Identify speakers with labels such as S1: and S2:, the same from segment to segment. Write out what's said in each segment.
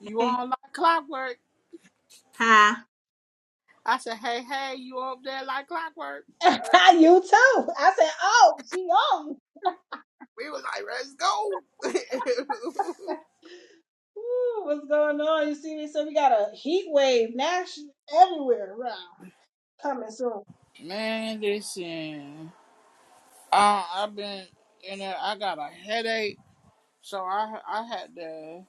S1: You
S2: Hi.
S1: on like clockwork?
S2: Hi,
S1: I said, hey, hey, you up there like clockwork?
S2: you too. I said, oh, she on.
S1: We was like, let's go.
S2: Ooh, what's going on? You see me? So we got a heat wave national everywhere around coming soon.
S1: Man, listen, uh, I've been in there. I got a headache, so I I had to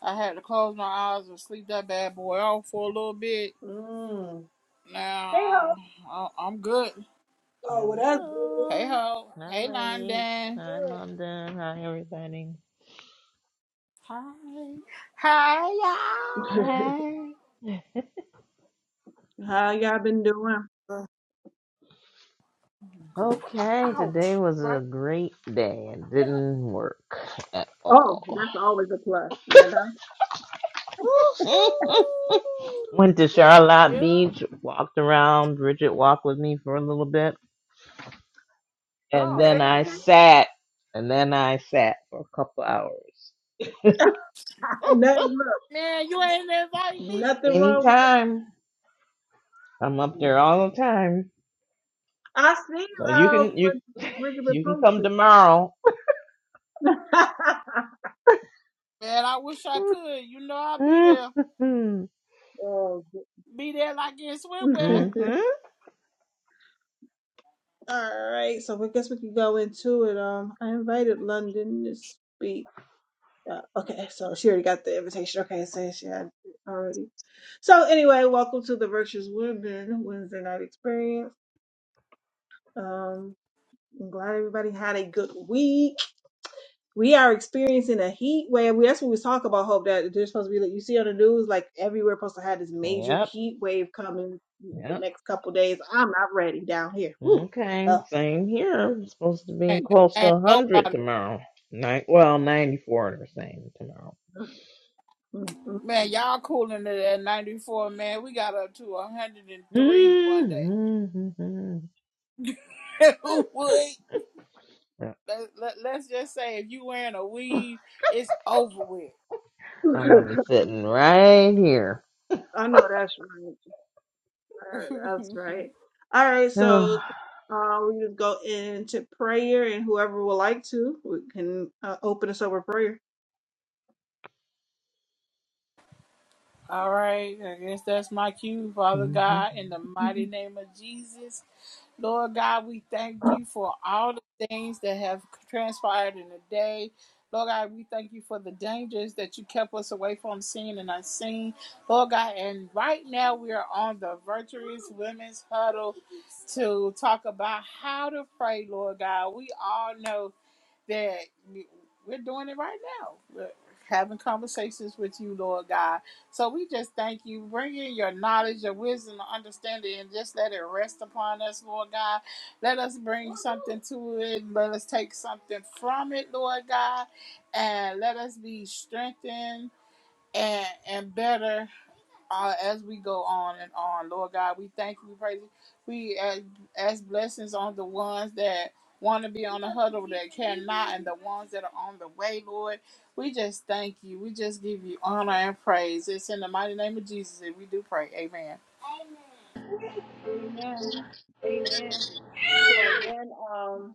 S1: I had to close my eyes and sleep that bad boy off for a little bit.
S2: Mm.
S1: Now
S2: Hey ho.
S1: I'm I'm I'm good.
S2: Oh, well that's good.
S1: Hey
S3: Hello.
S1: ho,
S3: Hi,
S1: hey
S3: ladies.
S1: London,
S3: Hi, London. Hi, everybody.
S1: hi, hi
S3: Hey.
S2: Good. How y'all been doing?
S1: y'all. Go
S3: Okay, today
S1: Ouch!
S3: was a
S1: Right
S3: great day. It didn't work at
S2: Oh,
S3: all.
S2: that's always a plus, you know.
S3: Eh.
S1: Woohoo!
S3: Went to
S1: Yeah,
S3: Charlotte
S1: yeah.
S3: Beach, walked around. Bridget walked with me for a little bit. And
S1: Oh
S2: Okay.
S3: then I
S1: man,
S3: sat. And then I sat for a couple hours.
S2: Nothing, look,
S1: Man, you ain't invite me.
S2: nothing wrong with
S3: Anytime. I'm
S2: that.
S3: up there
S2: Mm-hmm.
S3: all the time.
S2: I see
S3: So you
S2: um
S3: can
S1: Man, li-
S3: you
S2: what Bridget
S3: you can come
S2: posted.
S3: tomorrow.
S1: man, I wish I could. You know I'll be there.
S2: oh,
S1: Be there like in swimwear.
S2: good.
S3: Mm-hmm.
S2: All right, so I guess we can go into it. Um, I invited London to speak. Uh, okay, so she already got the invitation. Okay, so she had it already. So anyway, welcome to the Virtuous Women Wednesday Night Experience. Um, I'm glad everybody had a good week. We are experiencing a heat wave. That's what we was talking about. Hope that there's supposed to be like you see on the news, like everywhere supposed to have this major
S3: Yep.
S2: heat wave coming the
S3: Yep.
S2: next couple days. I'm not ready down here. Woo.
S3: Okay. Same here. It's supposed to
S1: Man,
S3: be close to
S1: ain't
S3: 100
S1: nobody.
S3: tomorrow. Nine, well, 94 or same tomorrow.
S1: Man, y'all cooling it at 94, man. We got up to 103 one day.
S3: Mm-hmm.
S1: Who would?
S3: Yeah,
S1: Let, let, let's just say if you wearing a weave, it's over with.
S3: I'm
S2: Oh.
S3: gonna be sitting right here.
S2: I know that's right. Right, That's right. All right,
S3: hmm
S2: so uh, we just go into prayer, and whoever would like to, we can uh, open us up with prayer.
S1: All right, I guess that's my cue, Father God, in the mighty
S2: Mhm.
S1: name of Jesus. Lord God, we thank you for all the things that have transpired in the day. Lord God, we thank you for the dangers that you kept us away from seeing and unseen. Lord God, and right now we are on the Virtuous Women's Huddle to talk about how to pray, Lord God. We all know that we're doing it right now. We're having conversations with you, Lord God. So we just thank you. Bring in your knowledge, your wisdom, your understanding, and just let it rest upon us, Lord God. Let us bring something to it. Let us take something from it, Lord God. And let us be strengthened and, and better uh, as we go on and on. Lord God, we thank you, we praise you. We ask, ask blessings on the ones that want to be on the huddle that cannot and the ones that are on the way, Lord. We just thank you. We just give you honor and praise. It's in the mighty name of Jesus that we do pray. Amen.
S2: Amen. Amen. So again, um,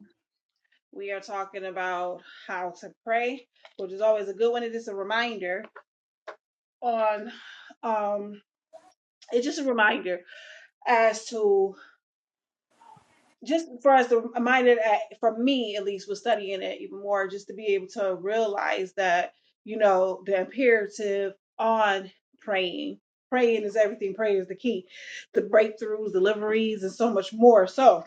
S2: we are talking about how to pray, which is always a good one. It is a reminder on, um, it's just a reminder as to just for us to remind it at, for me at least was studying it even more just to be able to realize that you know the imperative on praying praying is everything prayer is the key the breakthroughs deliveries and so much more so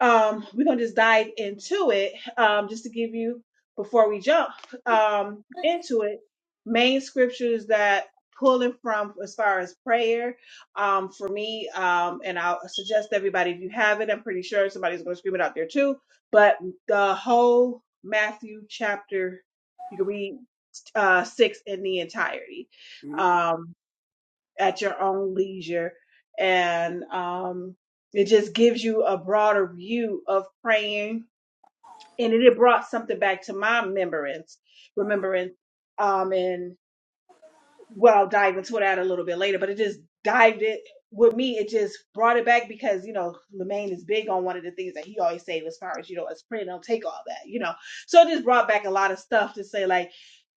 S2: um, we're gonna just dive into it. Um, just to give you before we jump um, into it, main scriptures that pulling from as far as prayer um, for me, um, and I'll suggest to everybody if you have it. I'm pretty sure somebody's gonna scream it out there too. But the whole Matthew chapter, you can read uh, six in the entirety. Um, at your own leisure. And um, it just gives you a broader view of praying. And it brought something back to my remembrance, remembrance. Um, and well dive into that a little bit later, but it just dived it with me. It just brought it back because you know Lemaine is big on one of the things that he always say as far as you know as print don't take all that you know. So it just brought back a lot of stuff to say like,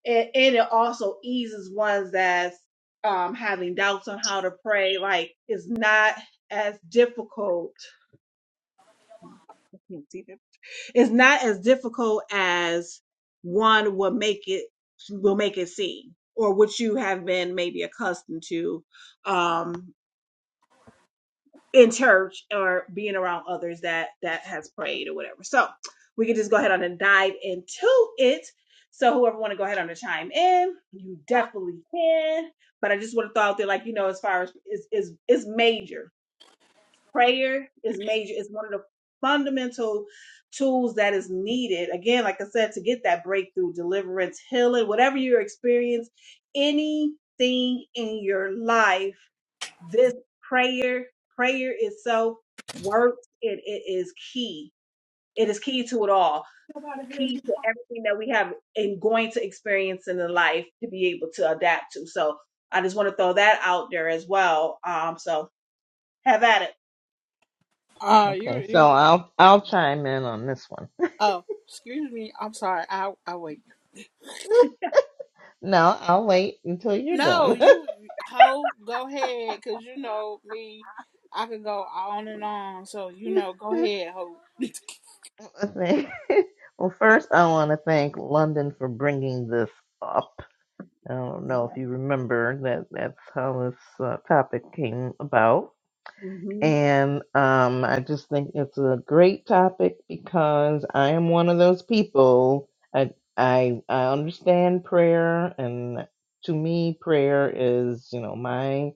S2: and, and it also eases ones that's um having doubts on how to pray. Like it's not as difficult. It's not as difficult as one will make it will make it seem, or what you have been maybe accustomed to um, in church or being around others that that has prayed or whatever. So we can just go ahead on and dive into it. So whoever want to go ahead on and chime in, you definitely can. But I just want to throw out there, like you know, as far as is is is major prayer is major it's one of the fundamental tools that is needed again like i said to get that breakthrough deliverance healing whatever your experience anything in your life this prayer prayer itself works it, it is key it is key to it all key to everything that we have and going to experience in the life to be able to adapt to so i just want to throw that out there as well um so have at it
S1: Uh, you,
S3: Okay, so
S1: you,
S3: I'll I'll chime in on this one.
S1: oh, excuse me. I'm sorry. I, I wait.
S3: No, I'll wait until you're
S1: No,
S3: done.
S1: you, ho, go ahead, cause you know me. I could go on and on. So you know, go ahead, ho.
S3: well, first I want to thank London for bringing this up I don't know
S2: yeah.
S3: if you remember that that's how this uh, topic came about.
S2: Mhm.
S3: And um, I just think it's a great topic because I am one of those people. I, I, I understand prayer, and to me, prayer is, you know, my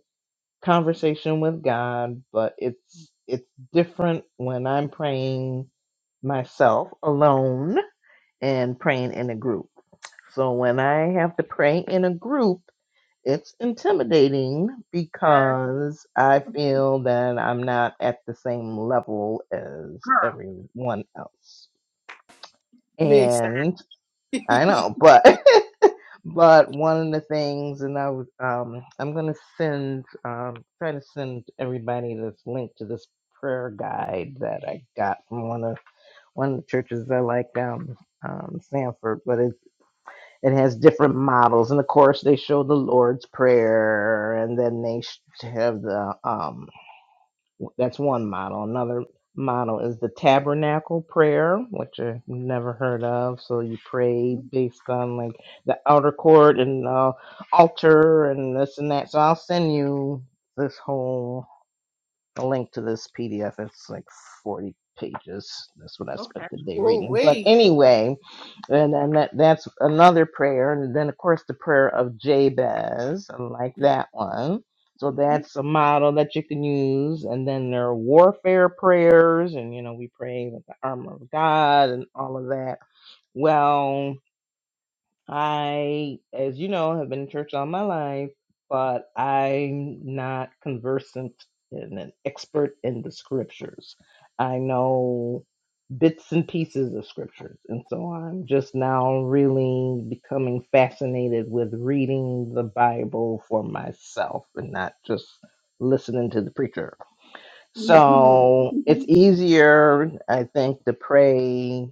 S3: conversation with God, but it's, it's different when I'm praying myself alone and praying in a group. So when I have to pray in a group, it's intimidating
S2: Yes,
S3: because I feel that I'm not at the same level as
S2: girl.
S3: everyone else.
S1: Miss.
S2: Back.
S3: And I know, but but one of the things, and I was um, I'm gonna send um, try to send everybody this link to this prayer guide that I got from one of one of the churches I like down um, Sanford, but it's it has different models and of course they show the lord's prayer and then they have the um that's one model another model is the tabernacle prayer which i've never heard of so you pray based on like the outer court and the altar and this and that so i'll send you this whole a link to this PDF. It's like 40 pages. That's what I spent
S2: Okay.
S3: the day
S1: oh,
S3: reading. But
S1: wait.
S3: anyway, and and that, that's another prayer. And then, of course, the prayer of Jabez. I like that one. So
S2: Mm-hmm.
S3: that's a model that you can use. And then there are warfare prayers. And, you know, we pray with the armor of God and all of that. Well, I, as you know, have been in church all my life, but I'm not conversant and an expert in the scriptures. I know bits and pieces of scriptures, and so I'm just now really becoming fascinated with reading the Bible for myself and not just listening to the preacher.
S2: Mhm.
S3: So it's easier, I think, to pray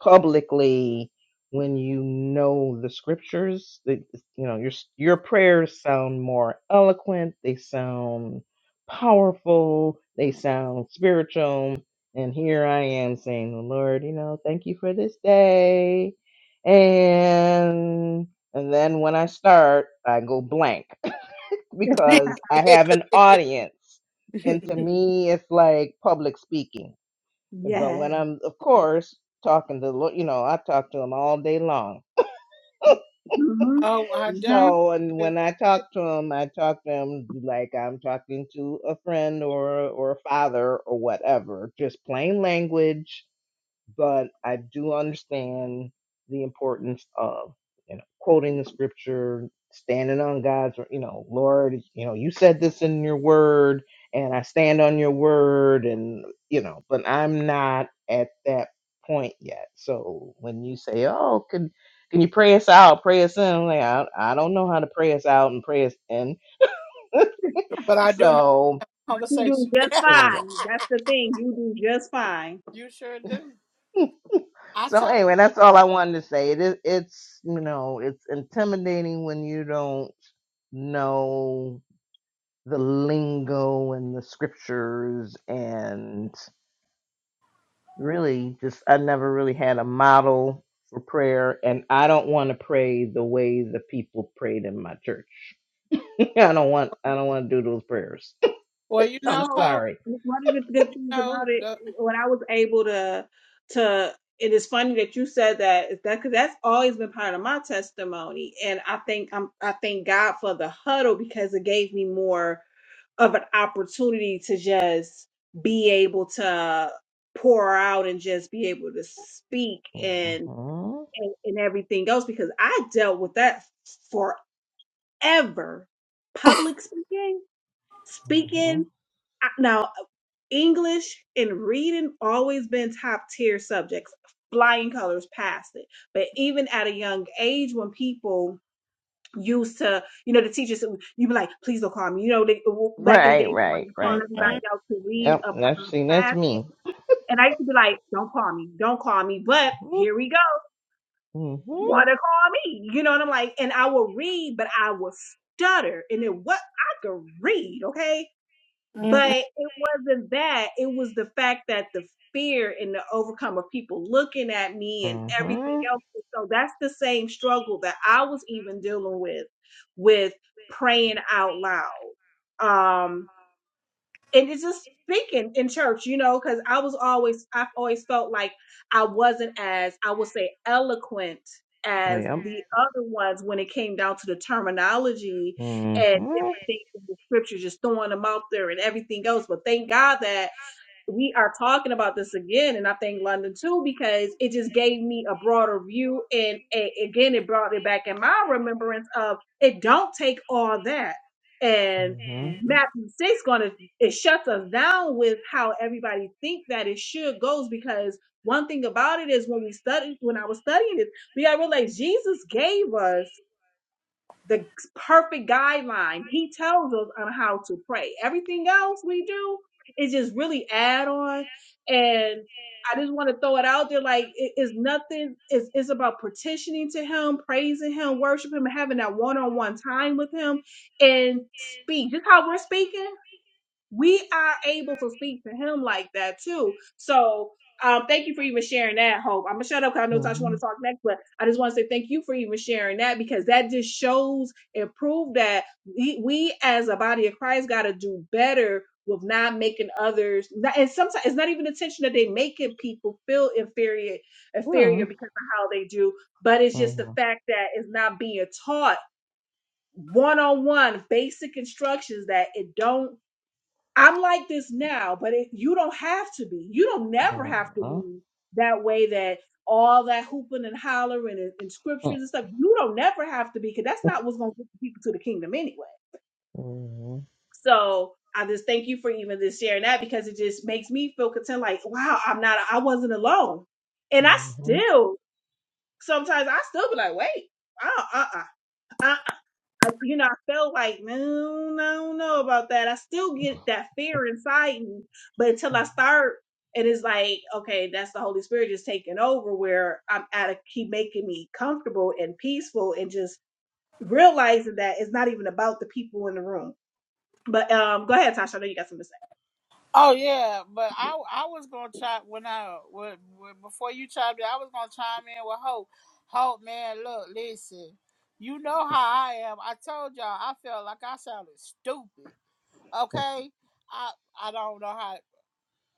S3: publicly when you know the scriptures. That you know your your prayers sound more eloquent. They sound powerful. They sound spiritual. And here I am saying, Lord, you know, thank you for this day. And and then when I start, I go blank because I have an audience. And to me, it's like public speaking. But when
S2: yes.
S3: I'm, of course, talking to, lo- you know, I talk to them all day long.
S2: Mm-hmm.
S1: Oh, I
S2: Mm-hmm.
S1: doubt
S3: So, and
S1: it.
S3: when I talk to them, I talk to them like I'm talking to a friend or or a father or whatever, just plain language but I do understand the importance of you know quoting the scripture, standing on God's you know Lord, you know you said this in your word, and I stand on your word, and you know, but I'm not at that point yet. So when you say, oh, can can you pray us out, pray us in? I'm like I, I don't know how to pray us out and pray us in.
S1: But I do know
S3: So
S1: the
S2: You do
S1: conversation.
S2: just
S3: anyway.
S2: fine. That's the thing. You do just fine.
S1: you sure do. I
S3: So
S1: tell
S3: anyway, that's all I wanted to say. It is, it's you know, it's intimidating when you don't know the lingo and the scriptures and really just I never really had a model for prayer and I don't want to pray the way the people prayed in my church. I don't want I don't want to do those prayers.
S1: well, you
S2: So
S1: know
S3: I'm
S1: how
S3: sorry.
S2: one of the good
S1: you
S2: things
S1: know
S2: about it,
S1: the
S2: when I was able to, to it is funny that you said that is that because that's always been part of my testimony, and I think I'm I thank God for the huddle because it gave me more. of an opportunity to just be able to pour out and just be able to speak
S3: hmm
S2: and and, and everything else because I dealt with that forever. Public speaking,
S3: hmm
S2: speaking. I- Now English and reading always been top tier subjects. Flying colors past it. But even at a young age, when people used to, you know, the teachers, you be like, please don't call me. You know, they, back in the
S3: Right,
S2: day, they wanted
S3: right,
S2: to call
S1: Mhm.
S3: right,
S2: everybody
S3: right.
S2: out to read
S3: Yep,
S2: a, p-
S3: that's see,
S2: a
S3: that's
S2: pass.
S3: me.
S2: And I used to be like, don't call me, don't call me. But
S3: hmm
S2: here we go.
S3: hmm
S2: Want to call me? You know what I'm like? And I will read, but I will stutter. And it what I could read, okay?
S1: Mhm.
S2: But it wasn't that. It was the fact that the fear and the overcome of people looking at me and everything
S3: Mm-hmm.
S2: else. So that's the same struggle that I was even dealing with, with praying out loud. Um, and it's just speaking in church, you know, because I was always, I've always felt like I wasn't as, I would say, eloquent as
S3: Yep.
S2: the other ones when it came down to the terminology and
S3: Mm-hmm.
S2: different things in the scripture, just throwing them out there and everything else. But thank God that we are talking about this again, and I think London too, because it just gave me a broader view, and a, again, it brought it back in my remembrance of it. Don't take all that, and
S3: Mm-hmm.
S2: Matthew six going to it shuts us down with how everybody think that it should goes because one thing about it is when we study when I was studying it, we got to realize Jesus gave us the perfect guideline. He tells us on how to pray. Everything else we do is just really add on. And I just want to throw it out there like it is nothing, it's, it's about petitioning to Him, praising Him, worshiping Him, having that one on one time with Him, and speak. Just how we're speaking we are able to speak to him like that too. So um, thank you for even sharing that, Hope. I'm gonna shut up because I know Tasha want
S3: Mm-hmm.
S2: to talk next, but I just want to say thank you for even sharing that because that just shows and prove that we, we as a body of Christ got to do better with not making others. Not, and sometimes it's not even intention that they making people feel inferior,
S3: Yeah.
S2: inferior
S3: huh.
S2: because of how they do, but it's
S3: Uh
S2: just the
S3: huh.
S2: fact that it's not being taught one on one basic instructions that it don't I'm like this now, but it, you don't have to be. You don't never have to be that way that all that hooping and hollering and, and scriptures
S3: Uh
S2: and stuff. You don't never have to be because that's not what's going to get people to the kingdom anyway. So I just thank you for even this sharing that because it just makes me feel content. Like, wow, I'm not, I wasn't alone. And I still, sometimes I still be like, wait, uh-uh. I, I, I- you know, I felt like, no, no, I don't know about that. I still get that fear inside me, but until I start, it is like, okay, that's the Holy Spirit just taking over, where I'm at a keep making me comfortable and peaceful, and just realizing that it's not even about the people in the room. But um, go ahead, Tasha. I know you got something to say.
S1: Oh yeah, but I I was gonna chime when I when, when, before you chimed in, I was gonna chime in with Hope. Hope, man, look, listen. You know how I am. I told y'all I felt like I sounded stupid. Okay, I I don't know how.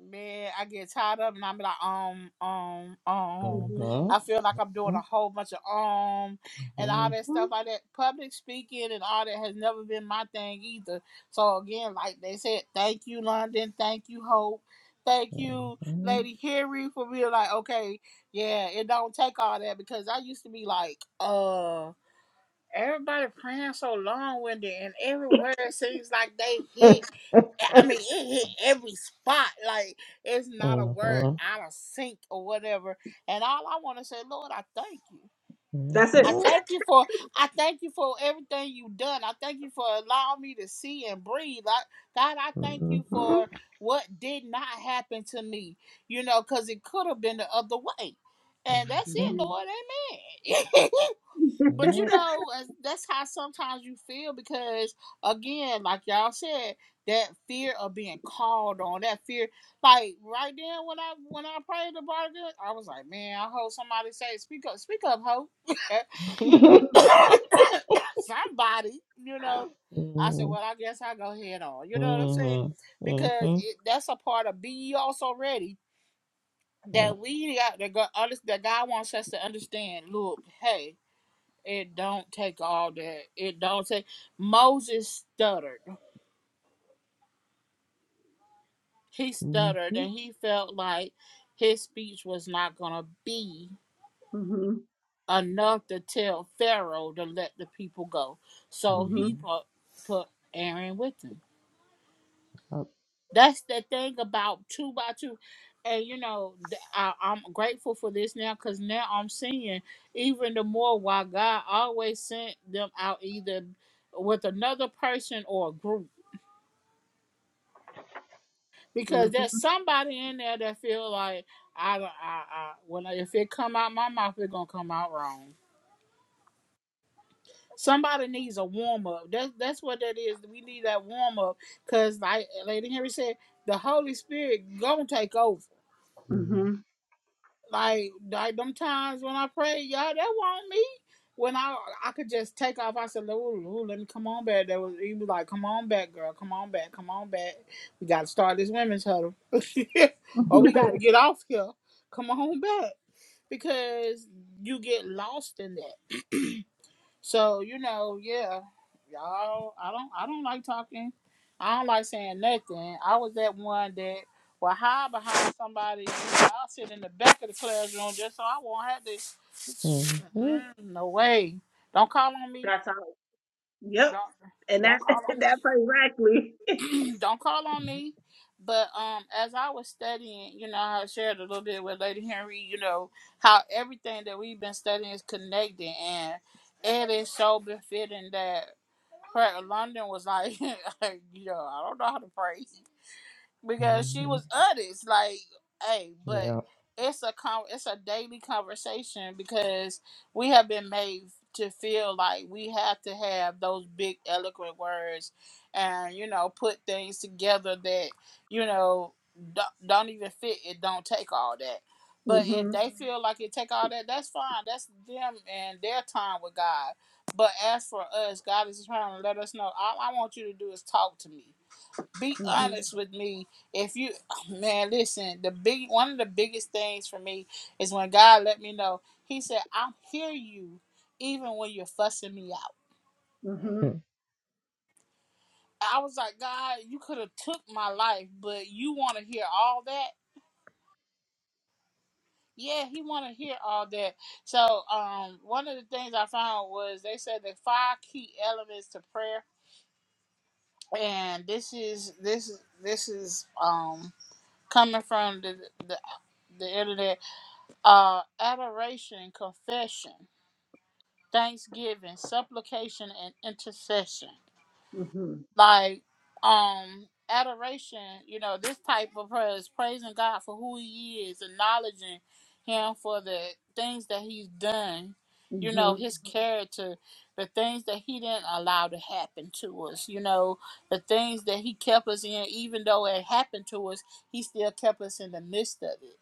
S1: Man, I get tired of it and I'm like, um, um, um.
S2: hmm
S1: I feel like I'm doing a whole bunch of um and all that stuff like that. Public speaking and all that has never been my thing either. So again, like they said, thank you, London, thank you, Hope. Thank you, Lady Harry, for being like, okay, yeah, it don't take all that because I used to be like, uh Everybody praying so long winded, and everywhere it seems like they hit. I mean, it hit every spot. Like it's not a word
S3: huh.
S1: out of sync or whatever. And all I want to say, Lord, I thank you.
S3: hmm Mhm, mhm,
S2: That's it.
S1: I thank you for I thank you for everything you've done. I thank you for allowing me to see and breathe. I, God, I thank you for what did not happen to me. You know, because it could have been the other way. And that's it,
S2: hmm
S1: Lord. Amen. But you know, as- that's how sometimes you feel because, again, like y'all said, that fear of being called on, that fear, like right then when I when I prayed the bargain, I was like, man, I hope somebody say, speak up, speak up, hope, somebody, you know. I said, well, I guess I go head on. You know what I'm saying?
S3: mhm, mhm,
S1: Because
S3: mhm,
S1: it, that's a part of be also ready that we got to go, that God wants us to understand. Look, hey. It don't take all that. It don't take. Moses stuttered. He
S3: mhm, mhm,
S1: stuttered, and he felt like his speech was not gonna be
S2: hmm hmm
S1: enough to tell Pharaoh to let the people go. So he put put Aaron with him. That's the thing about two by two, and you know th- I, I'm grateful for this now because now I'm seeing even the more why God always sent them out either with another person or a group because there's
S2: hmm
S1: somebody in there that feel like I, don't- I, I when I, if it come out my mouth, it's gonna come out wrong. Somebody needs a warm up. That's that's what that is. We need that warm up because, like Lady Henry said, the Holy Spirit gonna take over.
S2: hmm
S1: like like them times when I pray, y'all, that want me. When I I could just take off, I said, "Ooh, ooh, let me come on back." That was he was like, "Come on back, girl, come on back, come on back. We got to start this women's huddle, or we got to get off here. Come on back, because you get lost in that. So you know, yeah, y'all. I don't. I don't like talking. I don't like saying nothing. I was that one that will hide behind somebody. I'll sit in the back of the classroom just so I won't have to.
S3: mhm.
S1: Mm-mm, no way. Don't call on me.
S2: That's all. Yep.
S1: Don't.
S2: And
S1: Don't
S2: that
S1: call
S2: that's
S1: on
S2: exactly.
S1: me. don't call on me. But um, as I was studying, you know, I shared a little bit with Lady Henry. You know how everything that we've been studying is connected, and it is so befitting that London was like, like, yo, I don't know how to pray
S3: Mhm, mhm,
S1: because she
S3: mhm.
S1: was honest. Like, hey, but
S3: Yep.
S1: it's a con- it's a daily conversation because we have been made to feel like we have to have those big eloquent words, and you know, put things together that you know don't, don't even fit. It don't take all that. But if
S2: Mhm.
S1: they Mhm. feel like it take all that, that's fine. That's them and their time with God. But as for us, God is trying to let us know. All I want you to do is talk to me be
S2: Mhm.
S1: honest with me. If you oh, man, listen, the big one of the biggest things for me is when God let me know. He said, "I hear you, even when you're fussing me out."
S3: Mhm, mhm.
S2: Mhm.
S3: Up. Mhm, mhm, Yeah. mhm.
S1: I was like, God, you could have took my life, but you want to hear all that. Yeah, he want to hear all that. So, um, one of the things I found was they said the five key elements to prayer, and this is this is this is um coming from the the the internet are adoration, confession, thanksgiving, supplication, and intercession.
S2: Mhm.
S1: Like um adoration, you know, this type of prayer is praising God for who He is, acknowledging Him for the things that He's done. You know,
S2: Mhm.
S1: His character, the things that He didn't allow to happen to us. You know, the things that He kept us in, even though it happened to us, He still kept us in the midst of it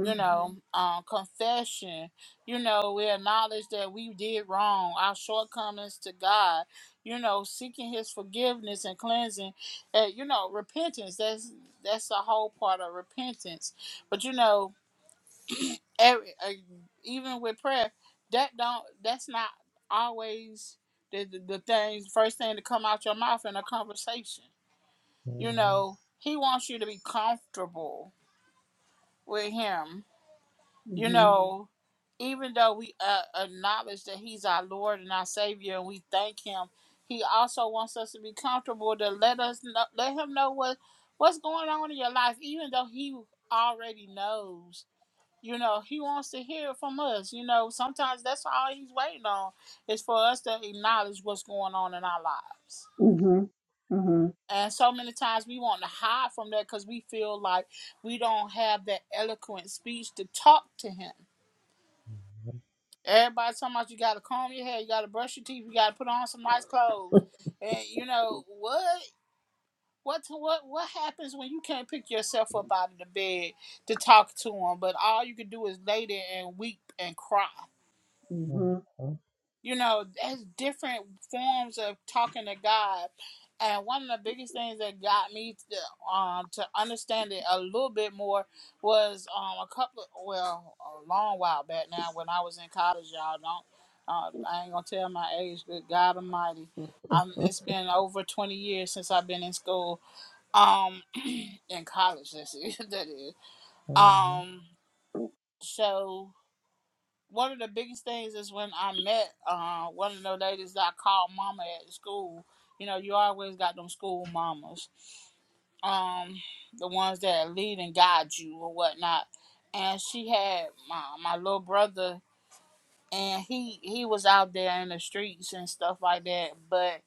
S1: you know, um, confession. You know, we acknowledge that we did wrong, our shortcomings to God. You know, seeking His forgiveness and cleansing. Uh, you know, repentance. That's that's the whole part of repentance. But you know, every, uh, even with prayer, that don't. That's not always the the, the thing. First thing to come out your mouth in a conversation. You
S3: Yep.
S1: know, He wants you to be comfortable with Him you
S2: Mhm.
S1: know, even though we uh, acknowledge that He's our Lord and our Savior, and we thank Him, He also wants us to be comfortable to let us know, let Him know what what's going on in your life, even though He already knows. You know, He wants to hear it from us. You know, sometimes that's all He's waiting on is for us to acknowledge what's going on in our lives.
S2: Mhm. Mhm.
S1: And so many times we want to hide from that because we feel like we don't have that eloquent speech to talk to Him
S3: Yep.
S1: Everybody talking about you gotta comb your hair, you gotta brush your teeth, you gotta put on some nice clothes. And you know what? What what what happens when you can't pick yourself up out of the bed to talk to them, but all you can do is lay there and weep and cry.
S2: Mhm.
S3: Mhm.
S1: You know, there's different forms of talking to God. And one of the biggest things that got me to, um, to understand it a little bit more was um, a couple, well, a long while back now when I was in college, y'all don't, uh, I ain't gonna tell my age, but God Almighty, um, it's been over 20 years since I've been in school, um, in college, that's it, that is.
S3: Mhm.
S1: Um, so one of the biggest things is when I met uh, one of the ladies that I called mama at school. You know, you always got them school mamas, um, the ones that lead and guide you or whatnot. And she had my my little brother, and he he was out there in the streets and stuff like that. But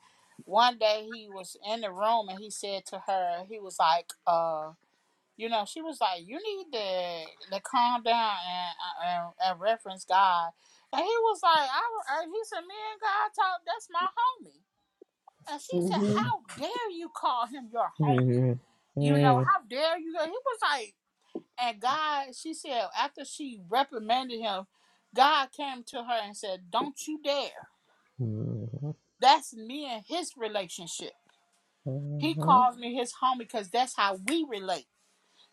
S1: one day he was in the room and he said to her, he was like, uh, you know, she was like, "You need to to calm down and and, and reference God." And he was like, "I," and he said, "Me and God talk. That's my homie." And she said,
S2: Mhm.
S1: "How dare you call him your homie? You know, how dare you?" And he was like, and God, she said, after she reprimanded him, God came to her and said, "Don't you dare. That's me and his relationship. He calls me his homie because that's how we relate."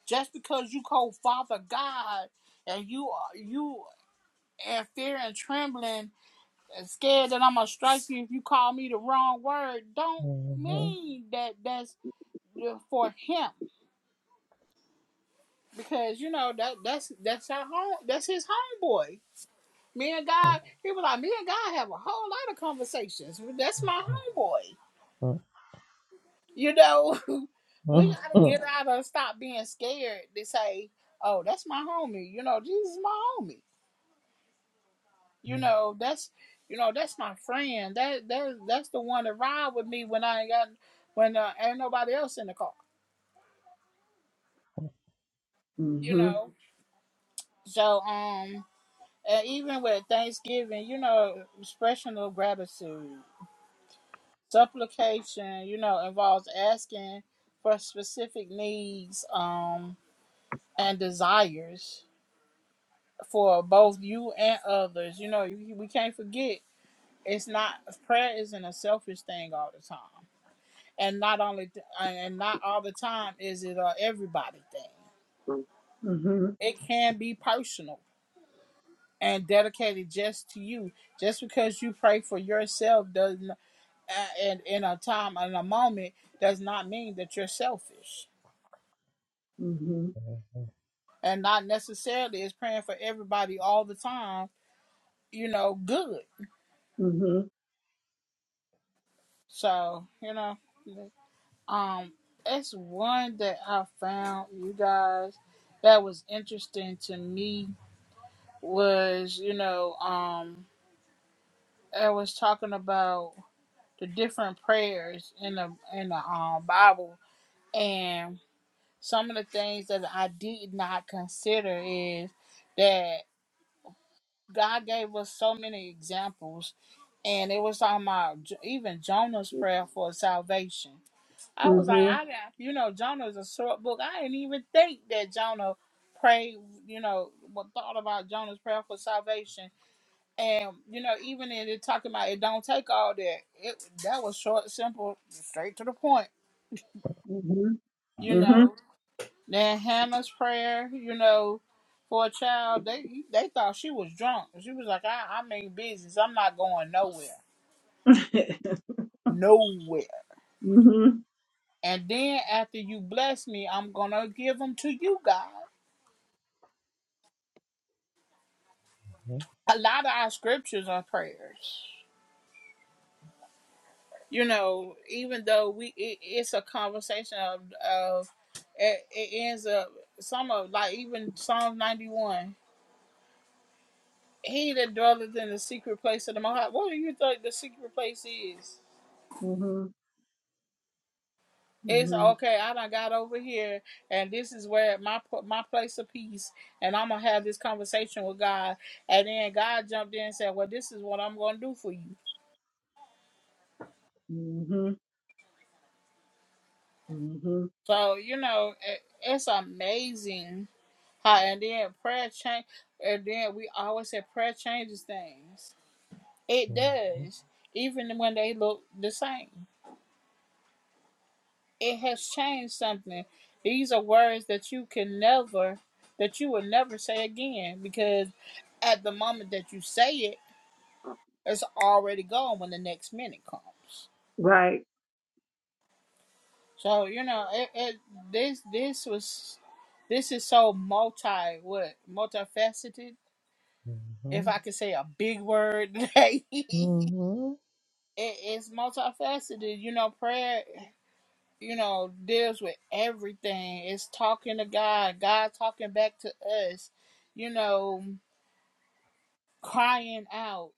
S1: Just because you call Father God and you are you in fear and trembling and scared that I'm gonna strike you if you call me the wrong word, don't mean that that's for him because you know that that's that's our home that's his homeboy. Me and God, he was like, me and God have a whole lot of conversations. That's my homeboy. You know, we gotta get out of stop being scared to say, oh, that's my homie. You know, Jesus is my homie. You know, that's you know, that's my friend. That that that's the one that ride with me when I ain't got when uh, ain't nobody else in the car. You
S2: Mhm.
S1: know, so um, and even with Thanksgiving, you know, expression of gratitude, supplication, you know, involves asking for specific needs um and desires for both you and others. You know, you, we can't forget it's not prayer isn't a selfish thing all the time and not only th- and not all the time is it a everybody thing.
S2: Mhm.
S1: It can be personal and dedicated just to you. Just because you pray for yourself doesn't and in a time and a moment does not mean that you're selfish.
S2: Mhm.
S1: And not necessarily is praying for everybody all the time, you know, good.
S2: Mhm.
S1: So, you know, um it's one that I found you guys that was interesting to me was, you know, um, I was talking about the different prayers in the in the um Bible, and some of the things that I did not consider is that God gave us so many examples, and it was on my even Jonah's prayer for salvation. I was like,
S2: Mhm.
S1: I got, you know, Jonah's a short book. I didn't even think that Jonah prayed, you know, what thought about Jonah's prayer for salvation And you know, even in it talking about it don't take all that. It that was short, simple, straight to the point.
S2: Mhm.
S1: You
S2: Mhm.
S1: know. Then Hannah's prayer, you know, for a child, they they thought she was drunk. She was like, I, I mean business. I'm not going nowhere. Nowhere.
S2: Mhm.
S1: And then after you bless me, I'm gonna give them to you, God. A lot of our scriptures are prayers. you know, even though we it, it's a conversation of of it, it ends up some of like even Psalm ninety one. He that dwelleth in the secret place of the Most High. What do you think the secret place is?
S2: Mhm.
S1: It's
S2: Mhm.
S1: okay. I done got over here, and this is where my pl- my place of peace. And I'm gonna have this conversation with God. And then God jumped in and said, "Well, this is what I'm gonna do for you."
S2: Mhm. Mhm.
S1: So you know, it, it's amazing How and then prayer change, and then we always say prayer changes things. It does, even when they look the same. It has changed something. These are words that you can never, that you will never say again, because at the moment that you say it, it's already gone when the next minute comes.
S2: Right.
S1: So you know, it, it this this was, this is so multi what multifaceted. If I could say a big word today. it, it's multifaceted. You know, prayer, you know, deals with everything. It's talking to God, God talking back to us, you know, crying out.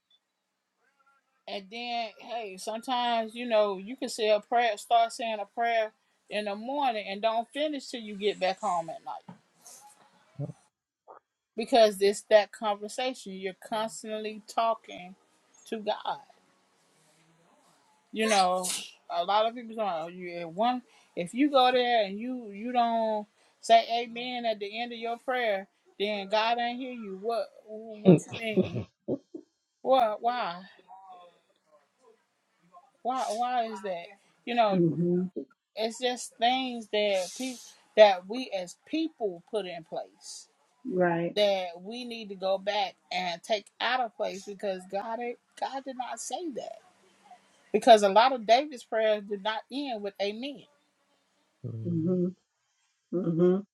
S1: And then, hey, sometimes, you know, you can say a prayer, start saying a prayer in the morning and don't finish till you get back home at night because it's that conversation. You're constantly talking to God. you know, a lot of people don't. You if one, if you go there and you you don't say amen at the end of your prayer, then God ain't hear you. What what you mean? What why why why is that? You know,
S2: Mhm.
S1: it's just things that people that we as people put in place
S2: Right.
S1: that we need to go back and take out of place because God God did not say that because a lot of David's prayers did not end with amen
S2: Mhm. Mhm.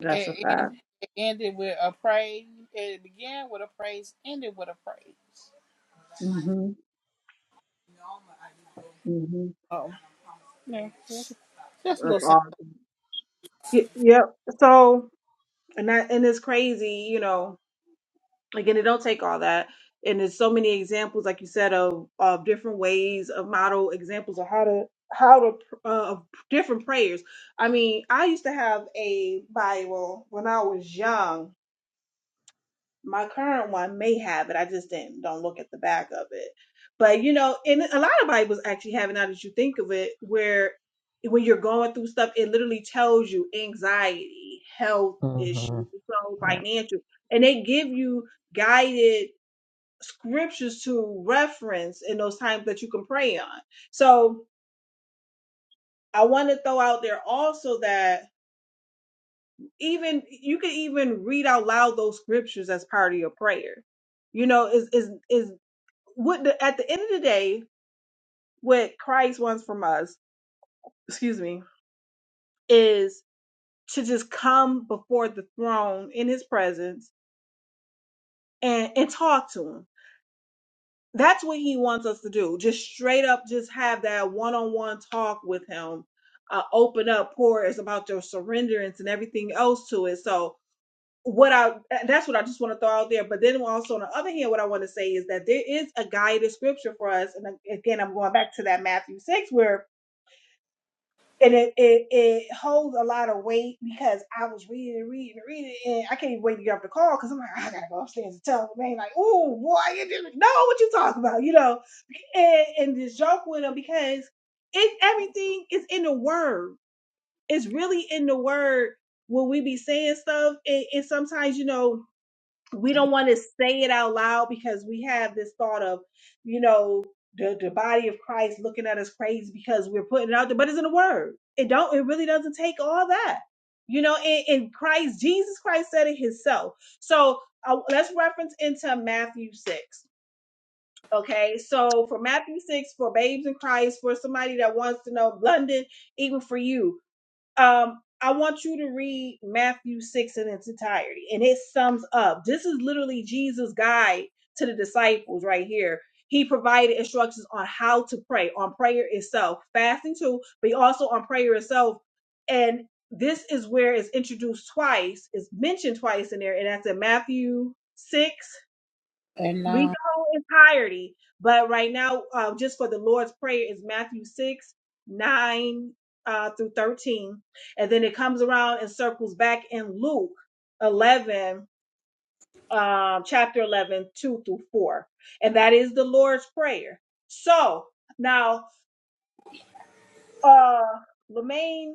S2: That's a
S1: It, end,
S2: fact.
S1: it ended with a praise. It began with a praise, ended with a praise.
S2: Mhm. Mhm.
S1: Oh, yeah. Just just a little
S2: That's awesome. Y- Yep. So. and that and it's crazy you know again it don't take all that and there's so many examples like you said of of different ways of model examples of how to how to uh, of different prayers i mean i used to have a bible when i was young my current one may have it. I just didn't don't look at the back of it. But you know, and a lot of Bibles actually have it now that you think of it, where when you're going through stuff, it literally tells you anxiety, health issues, so financial, and they give you guided scriptures to reference in those times that you can pray on. So I want to throw out there also that even you can even read out loud those scriptures as part of your prayer you know is is is what the, at the end of the day, what Christ wants from us, excuse me, is to just come before the throne in his presence and, and talk to him. That's what he wants us to do. Just straight up, just have that one on one talk with him. Uh, open up, pour is about your surrenderance and everything else to it. So, what I that's what I just want to throw out there. But then also on the other hand, what I want to say is that there is a guided scripture for us. And again, I'm going back to that Matthew 6 where and it, it it holds a lot of weight because I was reading and reading and reading, and I can't even wait to get off the call because I'm like, I gotta go upstairs and tell the man, like, oh boy, you didn't know what you talking about, you know, and and just joke with him because it everything is in the word. It's really in the word when we be saying stuff, and, and sometimes you know we don't want to say it out loud because we have this thought of, you know, the, the body of Christ looking at us crazy because we're putting it out there, but it's in the word. It don't, it really doesn't take all that. You know, and, and Christ, Jesus Christ said it himself. So uh, let's reference into Matthew 6. Okay. So for Matthew 6, for babes in Christ, for somebody that wants to know, London, even for you, um, I want you to read Matthew 6 in its entirety, and it sums up. This is literally Jesus' guide to the disciples right here. He provided instructions on how to pray, on prayer itself, fasting too, but also on prayer itself. And this is where it's introduced twice, it's mentioned twice in there, and that's in Matthew 6
S1: something. nah.
S2: read the whole entirety. But right now, uh, just for the Lord's Prayer is Matthew 6, 9 uh, through 13. And then it comes around and circles back in Luke 11, um, chapter 11 2 through 4. And that is the Lord's Prayer. So now, uh, Lemaine,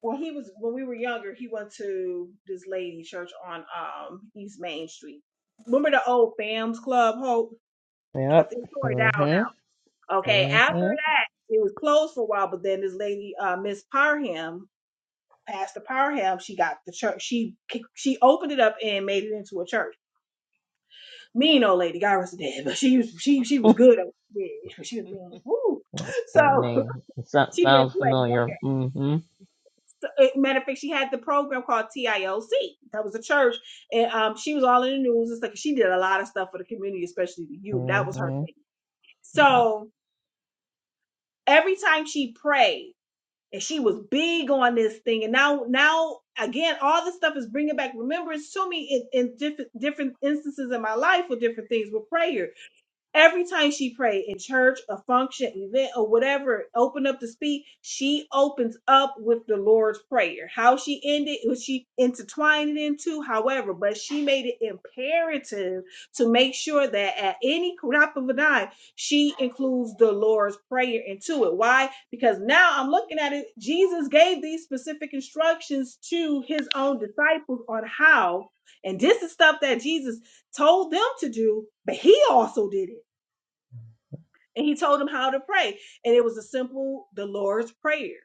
S2: when he was when we were younger, he went to this lady church on um East Main Street. Remember the old Fams Club, Hope? I think it tore it down Okay, after that, it was closed for a while, but then this lady, uh, Miss Parham, Pastor Parham, she got the church. She she opened it up and made it into a church. Mean old lady, God rest her dead, but she was she she was good. at what She did. She was mean. Woo.
S3: The
S2: So
S3: name so-
S2: she didn't
S3: sounds
S2: play no
S3: familiar.
S2: games.
S3: Mhm.
S2: So, eh, matter of fact, she had the program called TIOC. That was a church, and um, she was all in the news and stuff. She did a lot of stuff for the community, especially the youth. That was her
S3: Mhm.
S2: thing.
S3: Yep.
S2: So every time she prayed. and she was big on this thing and now now again all this stuff is bringing back remembrance to me in, in different different instances in my life with different things with prayer Every time she prayed in church, a function, event, or whatever, open up to speak, she opens up with the Lord's Prayer. How she ended, was she intertwined it into, however, but she made it imperative to make sure that at any crop of an eye, she includes the Lord's Prayer into it. Why? Because now I'm looking at it, Jesus gave these specific instructions to his own disciples on how, and this is stuff that Jesus told them to do, but he also did it and he told him how to pray. And it was a simple, the Lord's Prayer,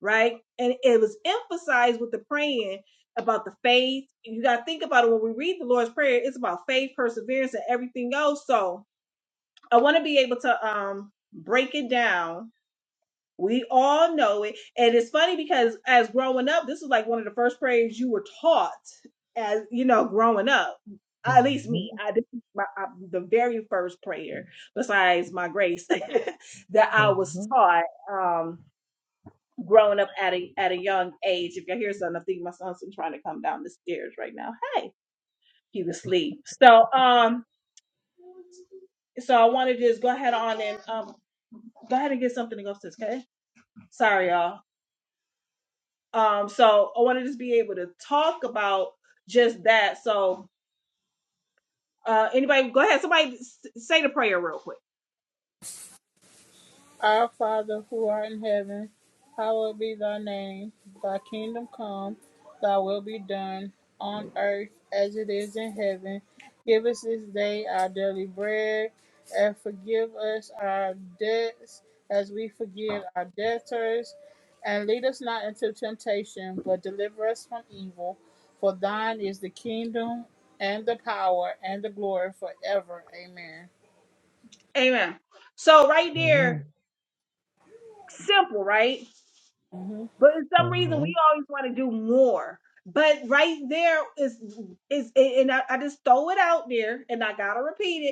S2: right? And it was emphasized with the praying about the faith. You got to think about it when we read the Lord's Prayer, it's about faith, perseverance, and everything else. So I want to be able to um break it down we all know it. And it's funny because as growing up, this is like one of the first prayers you were taught as, you know, growing up. At least me,
S3: Mhm.
S2: I this is my, I, the very first prayer besides my grace that I was
S3: Mhm.
S2: taught um, growing up at a at a young age. If you hear something, I think my son's been trying to come down the stairs right now. Hey, he was asleep. So um, so I want to just go ahead on and um, go ahead and get something to go to. Okay, sorry y'all. Um, so I wanted to just be able to talk about just that. So uh, anybody, go ahead. Somebody s- say the prayer real quick.
S1: Our Father who art in heaven, hallowed be thy name. Thy kingdom come, thy will be done, on earth as it is in heaven. Give us this day our daily bread, and forgive us our debts as we forgive our debtors. And lead us not into temptation, but deliver us from evil. For thine is the kingdom, and the power, and the glory forever. Amen.
S2: Amen. So right there, simple, right?
S1: Mhm.
S2: But for some reason, we
S3: Mhm.
S2: always want to do more. But right there is is and I, I just throw it out there, and I gotta repeat it.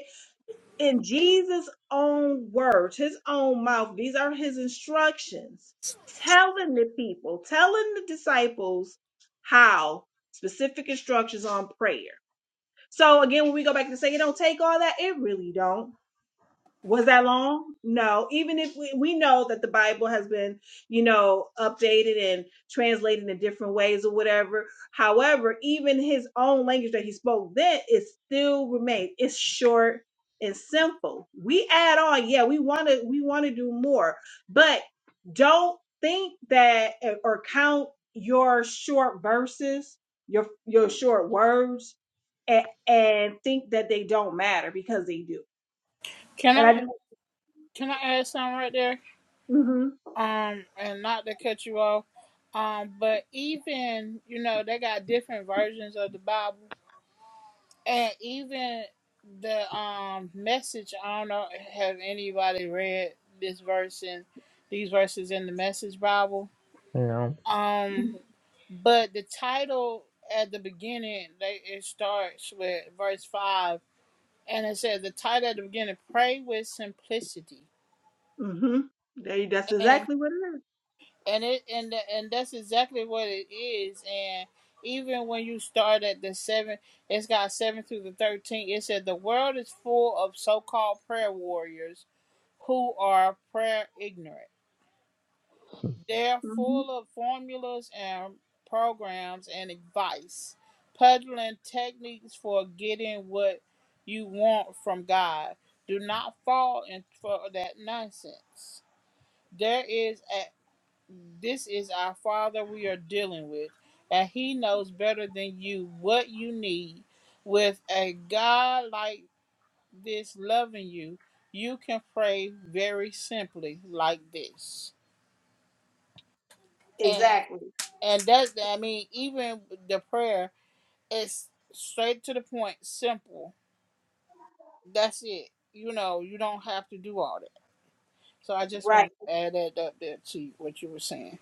S2: in Jesus' own words, his own mouth, these are his instructions, telling the people, telling the disciples how specific instructions on prayer. So again, when we go back and say it don't take all that, it really don't was that long no even if we, we know that the bible has been you know updated and translated in different ways or whatever however even his own language that he spoke then it still remains it's short and simple we add on yeah we want to we want to do more but don't think that eh, or count your short verses your your short words and, and think that they don't matter because they do
S1: Can
S2: and i
S1: I can I add something right there?
S2: do
S1: um and not to cut you off um but even you know they got different versions of the bible and even the um message i don't know have anybody read this verse in these verses in the message bible
S3: Mhm. No.
S1: um but the title at the beginning they it starts with verse 5 and it says the title at the beginning pray with simplicity
S2: Mm-hmm. They, that's
S1: And
S2: exactly what it is.
S1: and it and tha- and that's exactly what it is and even when you start at the seven it's got seven through the 13 it said the world is full of so-called prayer warriors who are prayer ignorant they're
S2: Mm-hmm.
S1: full of formulas and programs and advice peddling techniques for getting what you want from god do not fall in for that nonsense there is this is our Father we are dealing with, and He knows better than you what you need. With a God like this loving you, you can pray very simply like this. And
S2: Exactly.
S1: and that's I mean, even the prayer is straight to the point, simple. That's it. You know, you don't have to do all that. So I just
S2: Right.
S1: want to add that up there to what you were saying.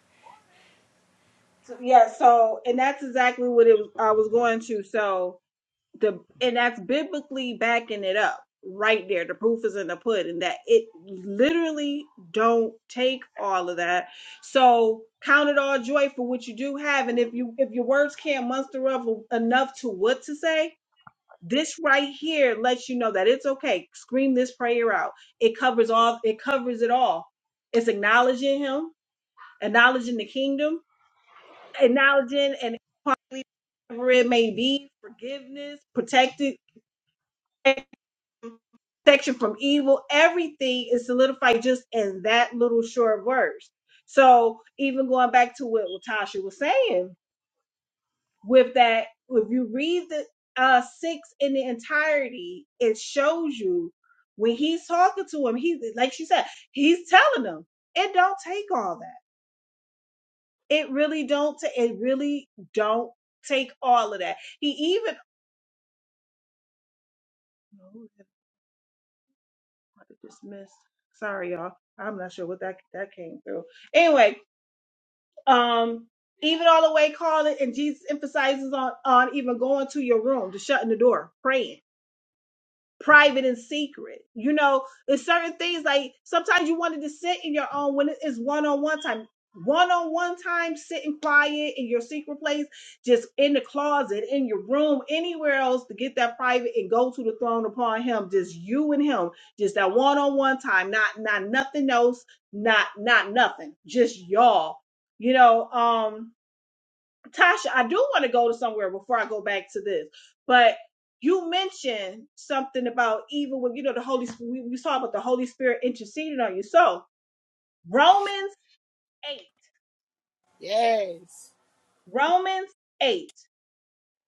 S2: So, yeah. So, and that's exactly what it was, I was going to. So the and that's biblically backing it up right there. The proof is in the pudding that it literally don't take all of that. So count it all joy for what you do have, and if you if your words can't muster up enough to what to say, this right here lets you know that it's okay. Scream this prayer out. It covers all, it covers it all. It's acknowledging him, acknowledging the kingdom, acknowledging and whatever it may be, forgiveness, protected protection from evil. Everything is solidified just in that little short verse. So even going back to what Latasha was saying, with that if you read the uh six in the entirety it shows you when he's talking to him he like she said he's telling him it don't take all that it really don't ta- it really don't take all of that he even oh, I just missed sorry y'all i'm not sure what that that came through anyway um even all the way calling and jesus emphasizes on on even going to your room to shutting the door praying private and secret. You know, there's certain things like sometimes you wanted to sit in your own when it's one on one time. One on one time, sitting quiet in your secret place, just in the closet, in your room, anywhere else to get that private and go to the throne upon Him. Just you and Him, just that one on one time, not not nothing else, not not nothing, just y'all. You know, um, Tasha, I do want to go to somewhere before I go back to this, but you mentioned something about even when you know the Holy Spirit. We, we saw about the Holy Spirit interceding on you. So Romans eight,
S1: Yes.
S2: Romans eight.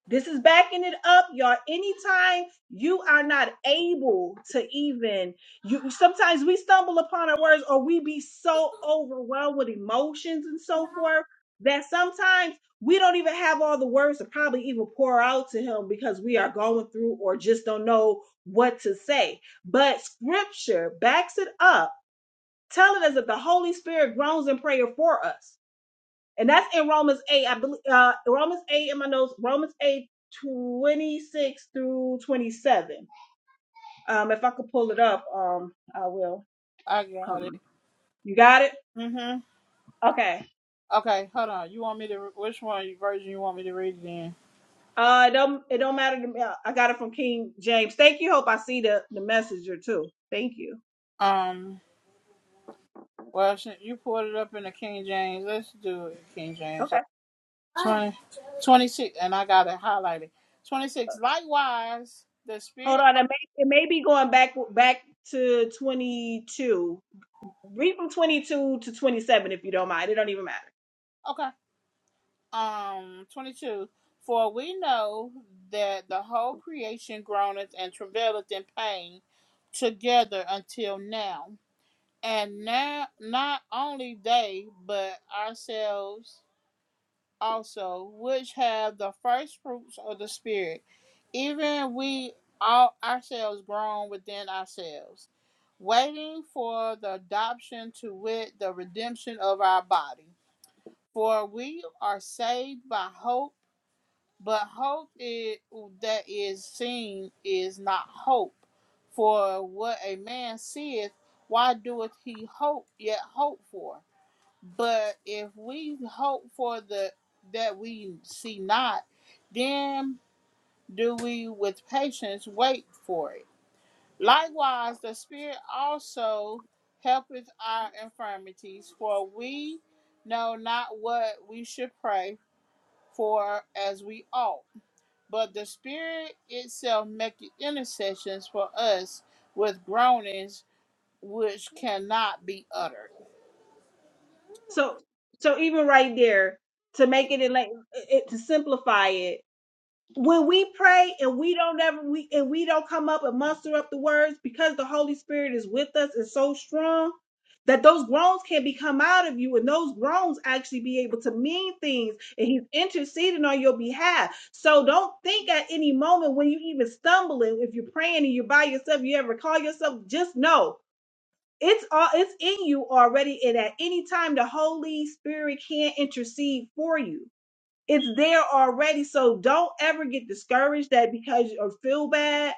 S2: This is backing it up, y'all. Anytime you are not able to even you sometimes we stumble upon our words or we be so overwhelmed with emotions and so forth that sometimes we don't even have all the words to probably even pour out to him because we are going through or just don't know what to say. But scripture backs it up, telling us that the Holy Spirit groans in prayer for us and that's in Romans 8, I believe, uh, Romans 8 in my notes, Romans 8, 26 through 27. Um, if I could pull it up, um, I will.
S1: I
S2: Come
S1: got it.
S2: on. You got it?
S1: Mm-hmm.
S2: Okay.
S1: Okay, hold on. You want me to which one version you want me to read it in?
S2: Uh, it don't, it don't matter to me. Uh, I got it from King James. Thank you. Hope I see the, the messenger too. Thank you.
S1: Um, well, since you pulled it up in the King James, let's do it King James.
S2: Okay.
S1: Twenty, twenty six, and I got it highlighted. 26. Likewise, the
S2: Hold
S1: Spirit.
S2: on. It may, it may be going back, back to 22. Read from 22 to 27 if you don't mind. It don't even matter.
S1: Okay. Um, 22. For we know that the whole creation groaneth and travaileth in pain together until now. And now, not only they, but ourselves also, which have the first fruits of the Spirit, even we all ourselves grown within ourselves, waiting for the adoption to wit, the redemption of our body. For we are saved by hope, but hope i- that is seen is not hope. For what a man seeth, why doeth he hope yet hope for? But if we hope for the that we see not, then do we with patience wait for it. Likewise, the Spirit also helpeth our infirmities, for we know not what we should pray for as we ought. But the Spirit itself maketh intercessions for us with groanings which cannot be uttered.
S2: so so even right there to make it in like it, to simplify it when we pray and we don't ever we and we don't come up and muster up the words because the holy spirit is with us and so strong that those groans can become out of you and those groans actually be able to mean things and he's interceding on your behalf so don't think at any moment when you even stumbling if you're praying and you're by yourself you ever call yourself just know it's all it's in you already and at any time the holy spirit can intercede for you it's there already so don't ever get discouraged that because or feel bad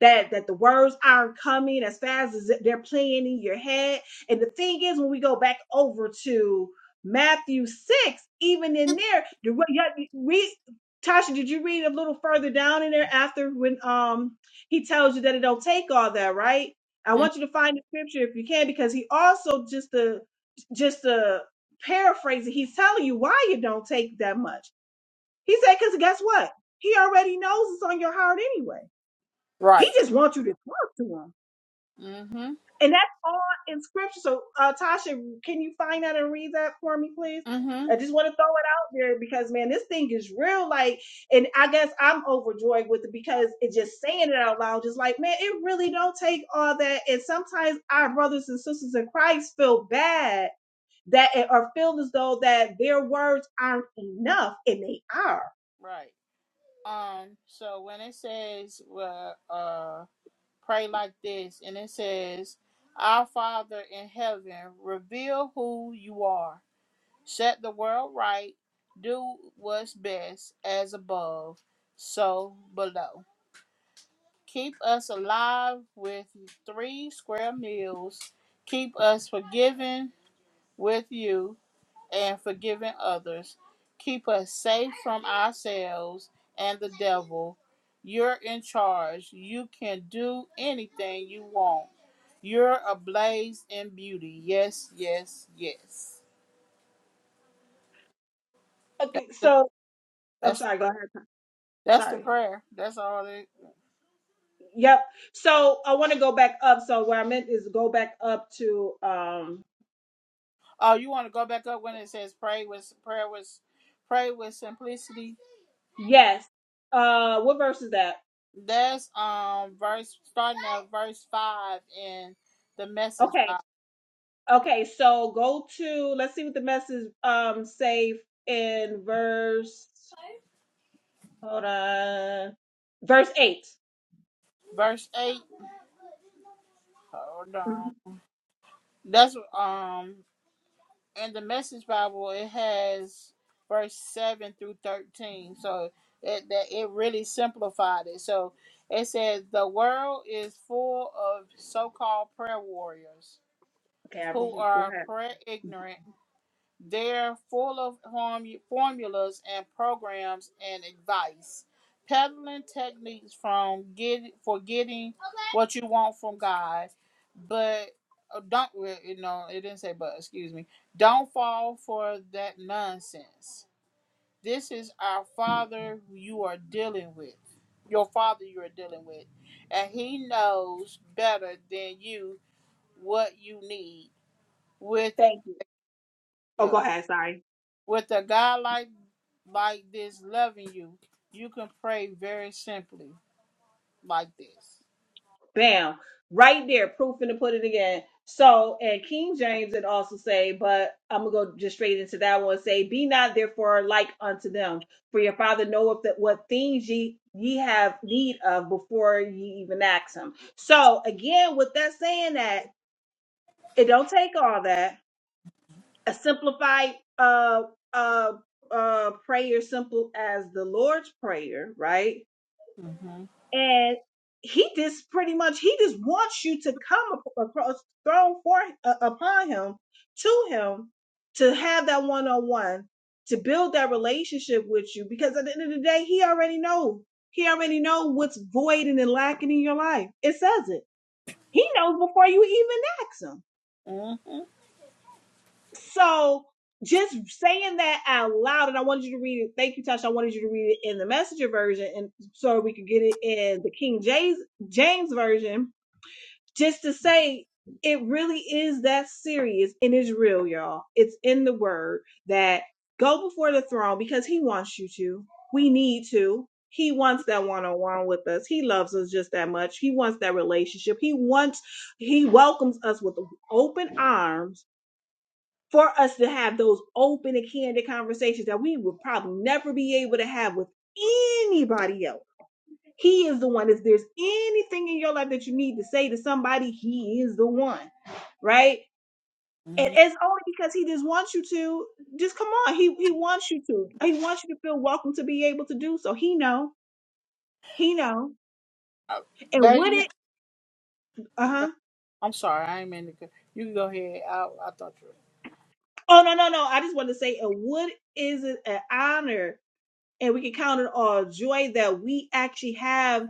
S2: that that the words aren't coming as fast as they're playing in your head. And the thing is, when we go back over to Matthew six, even in there, the way- yeah, read. Tasha, did you read a little further down in there after when um he tells you that it don't take all that, right? I
S1: Mm,
S2: want you to find the scripture if you can, because he also just to just to paraphrase it, he's telling you why you don't take that much. He said, because guess what? He already knows it's on your heart anyway. He
S1: Right.
S2: just wants you to talk to him.
S1: Mm-hmm.
S2: And that's all in scripture. So, uh, Tasha, can you find that and read that for me, please?
S1: Mm-hmm.
S2: I just want to throw it out there because, man, this thing is real. Like, and I guess I'm overjoyed with it because it's just saying it out loud, just like, man, it really don't take all that. And sometimes our brothers and sisters in Christ feel bad that eh, or feel as though that their words aren't enough, and they are.
S1: Right. Um, so when it says uh, uh pray like this and it says our father in heaven reveal who you are set the world right do what's best as above so below keep us alive with three square meals keep us forgiven with you and forgiving others. Keep us safe from ourselves and the devil. You're in charge. You can do anything you want. You're ablaze in beauty. Yes, yes, yes. That's
S2: Okay,
S1: the,
S2: so I'm
S1: that's
S2: sorry.
S1: the,
S2: Go ahead.
S1: that's the
S2: Sorry.
S1: prayer. That's all it.
S2: Yep. So I want to go back up. So where I meant is go back up to um
S1: Oh, you want to go back up when it says pray with prayer with pray with simplicity.
S2: yes. Uh what verse is that?
S1: That's um verse starting at verse five in the message
S2: Okay.
S1: Bible.
S2: Okay, so go to let's see what the message um say in verse hold on. Verse 8
S1: Verse eight. Hold
S2: Mhm.
S1: on. That's um in the Message Bible. It has verse seven through thirteen, so it that it really simplified it. So it says the world is full of so-called prayer warriors
S2: Okay, I
S1: who
S2: go
S1: are
S2: ahead.
S1: prayer ignorant they're full of formulas and programs and advice, peddling techniques from get for getting what you want from God, but uh, don't well, you know? It didn't say but. Excuse me. Don't fall for that nonsense. This is our Father you are dealing with, your Father you are dealing with, and He knows better than you what you need with
S2: Thank you. Oh,
S1: yeah.
S2: go ahead, sorry.
S1: With a God like like this loving you, you can pray very simply like this.
S2: Bam. Right there, proof in the pudding again. So, and King James it also say, but I'm gonna go just straight into that one. Say, be not therefore like unto them, for your father knoweth that what things ye ye have need of before ye even ask him. So again, with that saying that it don't take all that. A simplified uh uh uh prayer, simple as the Lord's prayer, right?
S1: Mm-hmm.
S2: and he just pretty much he just wants you to come across thrown for uh, upon him to him to have that one on one to build that relationship with you because at the end of the day he already knows. he already knows what's void and lacking in your life it says it he knows before you even ask him
S1: Mm-hmm.
S2: so just saying that out loud and i wanted you to read it thank you tasha i wanted you to read it in the messenger version and so we could get it in the king james james version just to say it really is that serious and it's real, y'all. It's in the word that go before the throne because he wants you to. We need to. He wants that one on one with us. He loves us just that much. He wants that relationship. He wants, he welcomes us with open arms for us to have those open and candid conversations that we would probably never be able to have with anybody else he is the one. If there's anything in your life that you need to say to somebody, he is the one, right? And
S1: hmm
S2: it's only because he just wants you to. Just come on. He he wants you to. He wants you to feel welcome to be able to do so. He know. He know.
S1: Uh,
S2: And would
S1: lady,
S2: it? Uh huh.
S1: I'm sorry, I ain't meant to. go- You can go ahead. I, I thought you.
S2: Oh no no no. I just want to say, and what is it an honor? and we can count it all joy that we actually have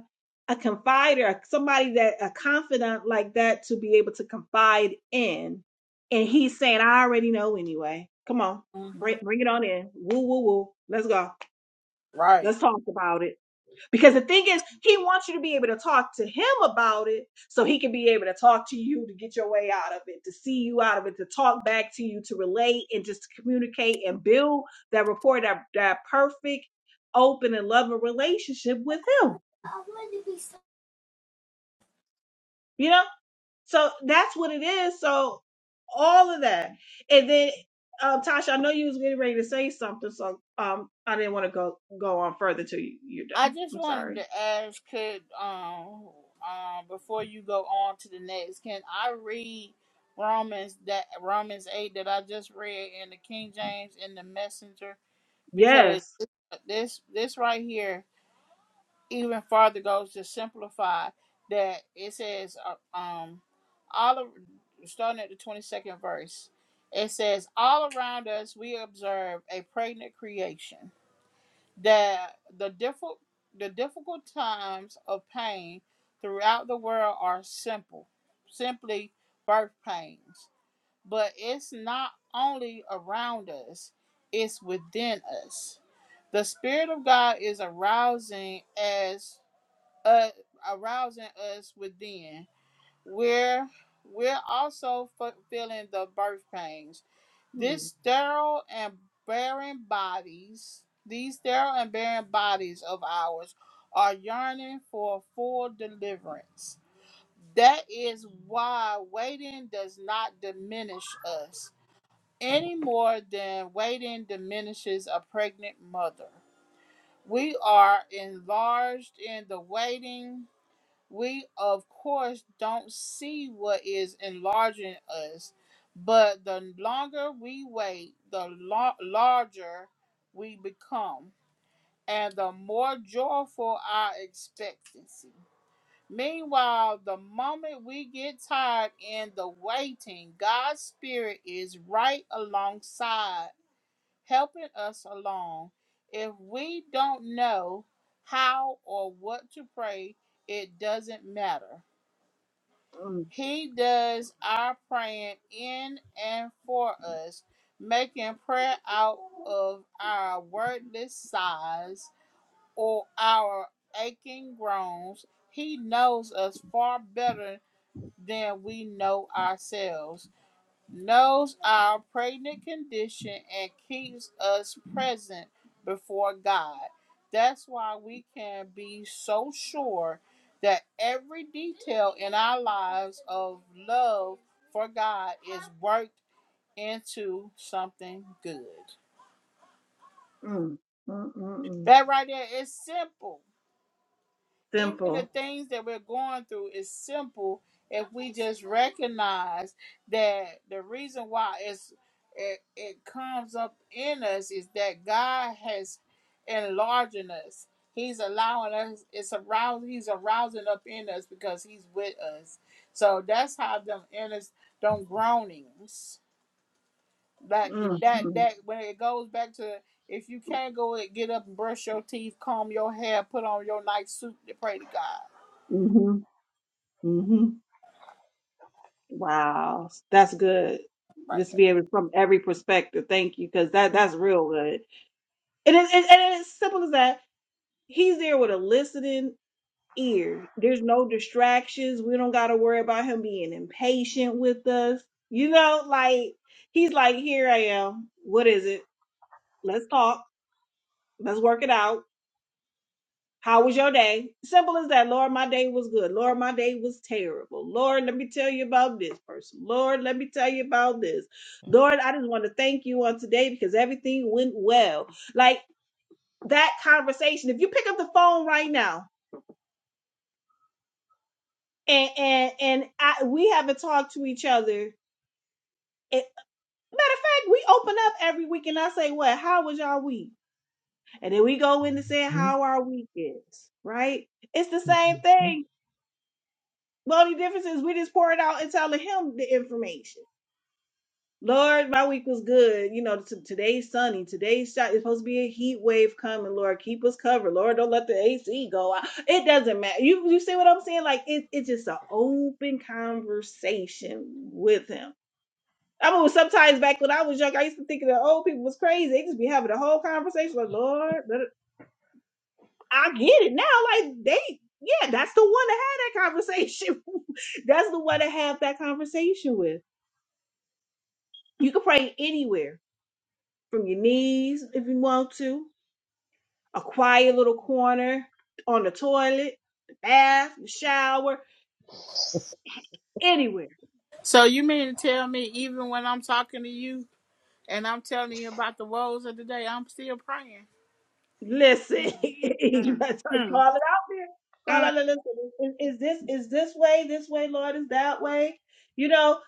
S2: a confider, somebody that a confidant like that to be able to confide in. And he's saying, I already know anyway. Come on,
S1: Were. hmm
S2: bring, bring it on in. Woo, woo, woo. Let's go.
S1: Right.
S2: Let's talk about it. Because the thing is, he wants you to be able to talk to him about it so he can be able to talk to you to get your way out of it, to see you out of it, to talk back to you, to relate and just to communicate and build that rapport, that, that perfect, open, and loving relationship with him. You know? So that's what it is. So all of that. And then, um, Tasha, I know you was getting ready to say something, so um, I didn't want to go go on further till you, you're
S1: I
S2: done.
S1: just
S2: I'm
S1: wanted
S2: sorry.
S1: to ask, could um um before you go on to the next, can I read Romans that Romans eight that I just read in the King James in the Messenger because
S2: Yes.
S1: this this right here even farther goes to simplify that it says uh, um all of starting at the 22nd verse it says all around us we observe a pregnant creation that the difficult the difficult times of pain throughout the world are simple simply birth pains but it's not only around us it's within us the spirit of god is arousing as uh, arousing us within. We're we're also f- feeling the birth pains. This sterile and barren bodies, these sterile and barren bodies of ours, are yearning for full deliverance. That is why waiting does not diminish us any more than waiting diminishes a pregnant mother. We are enlarged in the waiting we of course don't see what is enlarging us, but the longer we wait, the lo- larger we become, and the more joyful our expectancy. Meanwhile, the moment we get tired in the waiting, God's Spirit is right alongside, helping us along. If we don't know how or what to pray, it doesn't matter he does our praying in and for us, making prayer out of our wordless sighs or our aching groans. He knows us far better than we know ourselves knows our pregnant condition and keeps us present before God. That's why we can be so sure that every detail in our lives of love for God is worked into something good.
S2: Mm, mm, mm, mm.
S1: That right there is simple. even the
S2: Simple.
S1: things that we're going through is simple if we just recognize that the reason why it's it, it comes up in us is that God has enlarging us. He's allowing us. It's arousing. He's arousing up in us because He's with us. So that's how them in us, them groanings, that that
S2: Mm-hmm.
S1: that when it goes back to if you can't go and get up and brush your teeth, comb your hair, put on your nice suit to pray to God
S2: Mm-hmm. Mm-hmm. Wow. That's good.
S1: Right.
S2: Just be able from every perspective. Thank you. Cause that that's real good. And it, and, and it's simple as that. He's there with a listening ear. There's no distractions. We don't gotta worry about him being impatient with us. You know, like he's like, here I am. What is it? Let's talk. Let's work it out How was your day? Simple as that. Lord, my day was good. Lord, my day was terrible. Lord, let me tell you about this person. Lord, let me tell you about this. Lord, I just want to thank you on today because everything went well. Like that conversation. If you pick up the phone right now and and and I, we haven't talked to each other. It, matter of fact, we open up every week and I say, "What? How was y'all week?" And then we go in to say, "How our week is." Right? It's the same
S3: Mhm.
S2: thing Well, the only difference is we just pour it out and telling him the information. Lord, my week was good. You know, t- today's sunny. Today's shot is supposed to be a heat wave coming. Lord, keep us covered. Lord, don't let the AC go out. It doesn't matter. You you see what I'm saying? Like it's it's just an open conversation with him. I mean, sometimes back when I was young, I used to think that old people was crazy. They just be having a whole conversation. Like, Lord. da- I get it now. Like they, yeah, that's the one to have that conversation. that's the one to have that conversation with. You can pray anywhere from your knees if you want to, a quiet little corner on the toilet, the bath, the shower, anywhere.
S1: So you mean to tell me even when I'm talking to you and I'm telling you about the woes of the day, I'm still praying?
S2: Listen,
S1: Mm,
S2: you better
S1: mm,
S2: call it out there. Call
S1: mm,
S2: out and listen. Is, is this is this way? This way, Lord? Is that way? You know,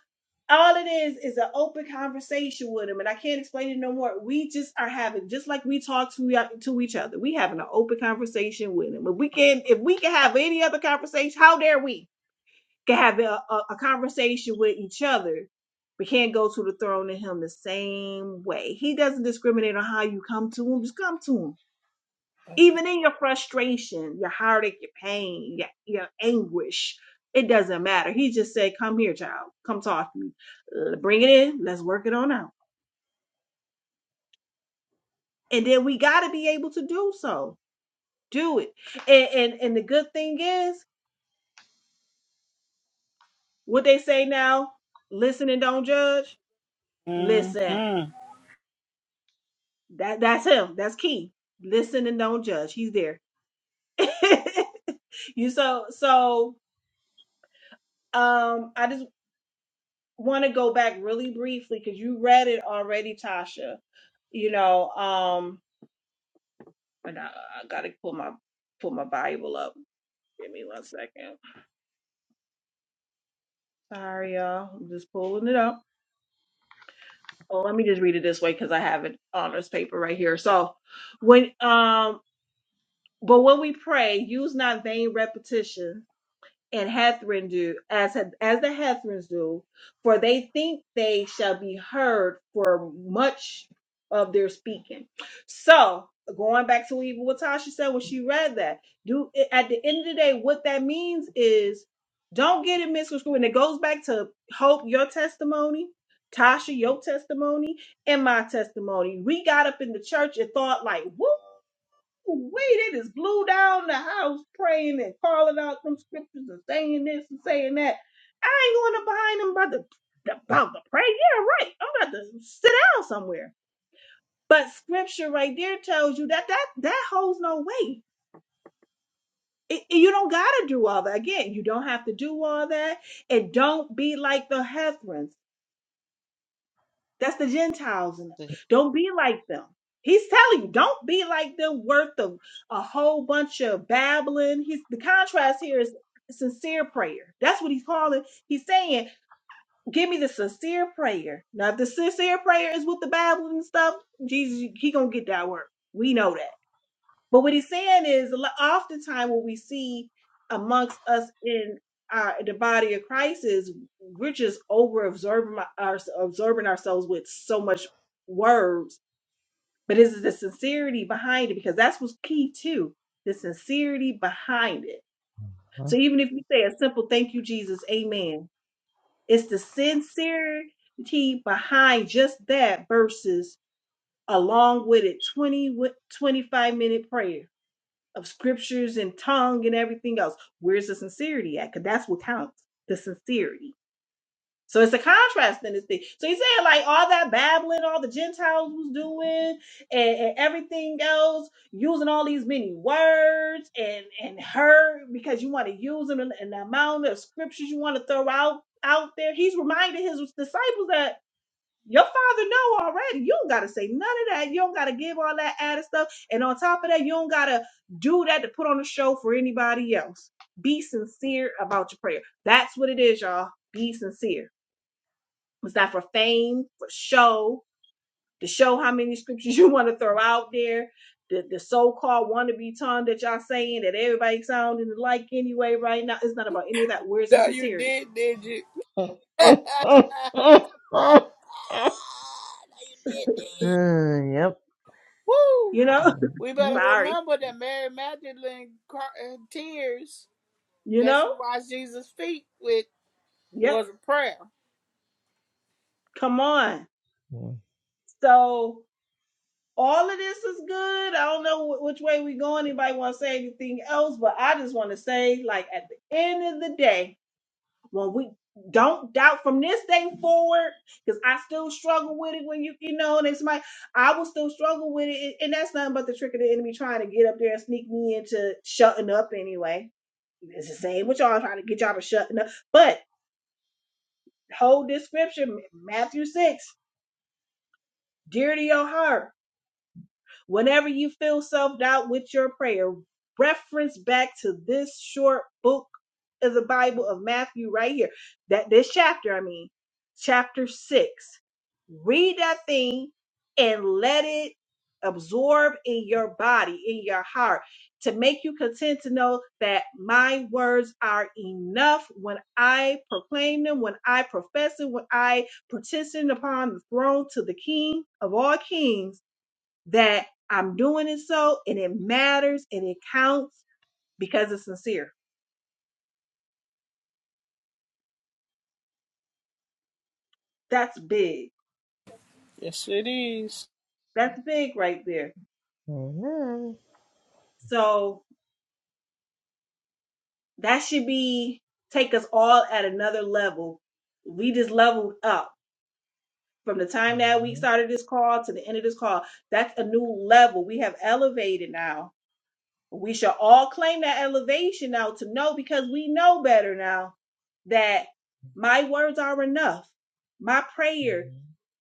S2: all it is is an open conversation with him and i can't explain it no more we just are having just like we talk to, to each other we having an open conversation with him if we can if we can have any other conversation how dare we can have a, a, a conversation with each other we can't go to the throne in him the same way he doesn't discriminate on how you come to him just come to him even in your frustration, your heartache, your pain, your, your anguish, it doesn't matter. He just said, Come here, child. Come talk to me. L- Bring it in. Let's work it on out. And then we got to be able to do so. Do it. And, and, and the good thing is, what they say now listen and don't judge.
S1: mm.
S2: Listen,
S1: hmm
S2: that, that's him. That's key. Listen and don't judge. He's there. you so, so um i just want to go back really briefly because you read it already, Tasha. You know, um, and I, I gotta pull my pull my Bible up. Give me one second. Sorry, y'all. I'm just pulling it up. Oh, let me just read it this way because I have it on this paper right here. So when um, but when we pray, use not vain repetition and Hethryn do as as the Hethrins do, for they think they shall be heard for much of their speaking. So going back to even what Tasha said when she read that, do at the end of the day, what that means is don't get it misconstrued, and it goes back to hope your testimony. Tasha, your testimony and my testimony. We got up in the church and thought like, woo. Wait, they just blew down the house praying and calling out them scriptures and saying this and saying that. I ain't going to behind them about the about the pray. Yeah, right. I'm about to sit down somewhere. But scripture right there tells you that that that holds no weight. It, it- you don't gotta do all that. Again, you don't have to do all that. And don't be like the Hethrons. That's the Gentiles in them. Don't be like them. He's telling you, don't be like them, worth of a whole bunch of babbling. He's the contrast here is sincere prayer. That's what he's calling. He's saying, give me the sincere prayer. Now, if the sincere prayer is with the babbling and stuff, Jesus, he gonna get that work. We know that. But what he's saying is lo- oftentimes what we see amongst us in our, the body of Christ is we're just over absorbing our, absorbing ourselves with so much words. But is it the sincerity behind it? Because that's what's key too, the sincerity behind it.
S3: Mhm.
S2: So even if you say a simple thank you, Jesus, amen, it's the sincerity behind just that versus along with it 20 wi- 25 minute prayer of scriptures and tongue and everything else. Where's the sincerity at? Because that's what counts the sincerity. So it's a contrast in this thing. So he's saying, like, all that babbling, all the Gentiles was doing, and, and everything else, using all these many words and and her because you want to use them and and the amount of scriptures you want to throw out out there. He's reminding his disciples that your father know already. You don't gotta say none of that. You don't gotta give all that added stuff. And on top of that, you don't gotta do that to put on a show for anybody else. Be sincere about your prayer. That's what it is, y'all. Be sincere. It's not for fame, for show, to show how many scriptures you want to throw out there. The, the so-called wannabe tongue that y'all saying that everybody sounding like anyway right now. It's not about any of that. Where's the
S1: No, you
S2: sincerity?
S1: did, did you?
S3: Hmm,
S1: no, you did, did you?
S3: yep.
S1: Woo!
S2: You know?
S1: We
S3: Well,
S1: better
S2: Sorry.
S1: remember that Mary Magdalene cr- uh, tears
S2: You
S1: that
S2: know?
S1: she washed Jesus' feet with
S2: Yep.
S1: was a prayer.
S2: Come on. So all of this is good. I don't know which way we go. Anybody want to say anything else? But I just want to say, like at the end of the day, when we don't doubt from this day forward, because I still struggle with it. When you you know, and it's my I will still struggle with it, and that's nothing but the trick of the enemy trying to get up there and sneak me into shutting up anyway. It's the same with y'all trying to get y'all to shutting up. But hold this scripture, Matthew six, dear to your heart. Whenever you feel self doubt with your prayer, reference back to this short book of the Bible of Matthew right here. That this chapter, I mean, chapter six. Read that thing and let it absorb in your body, in your heart, to make you content to know that my words are enough when I proclaim them, when I profess it, when I petition upon the throne to the King of all kings that I'm doing it so and it matters and it counts because it's sincere. That's big.
S1: Yes, it is.
S2: That's big right there. So that should be take us all at another level. We just leveled up from the time that we started this call to the end of this call. That's a new level. We have elevated now. We shall all claim that elevation now to know because we know better now that my words are enough. My prayer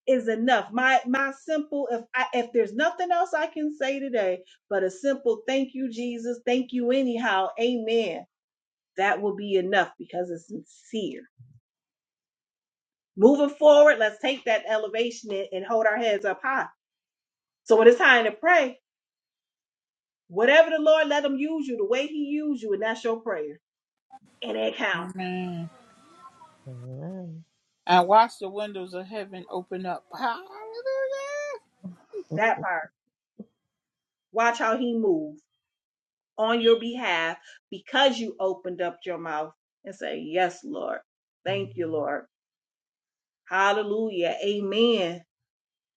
S2: is enough. My my simple if I, if there's nothing else I can say today, but a simple thank you Jesus, thank you anyhow, amen. That will be enough because it's sincere. Moving forward, let's take that elevation and, and hold our heads up high. So when it's time to pray, whatever the Lord let him use you, the way he used you, and that's your prayer. And it count
S1: Amen. and watch the windows of heaven open up. Hallelujah.
S2: that part. Watch how he moves on your behalf because you opened up your mouth and say, Yes, Lord. Thank you, Lord. Hallelujah. Amen.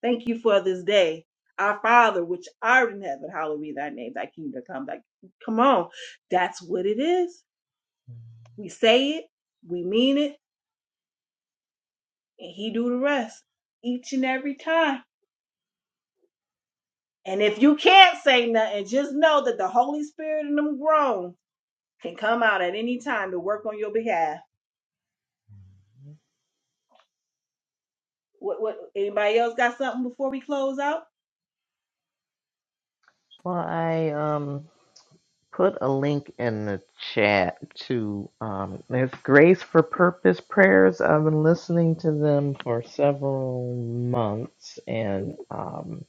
S2: Thank you for this day. Our Father, which art in heaven, hallowed be thy name, thy kingdom come. Thy... Come on. That's what it is. We say it, we mean it, and he do the rest each and every time. And if you can't say nothing, just know that the Holy Spirit and them grown can come out at any time to work on your behalf. What, what anybody else got something before we close out?
S3: I um put a link in the chat to um it's Grace for Purpose prayers. I've been listening to them for several months and um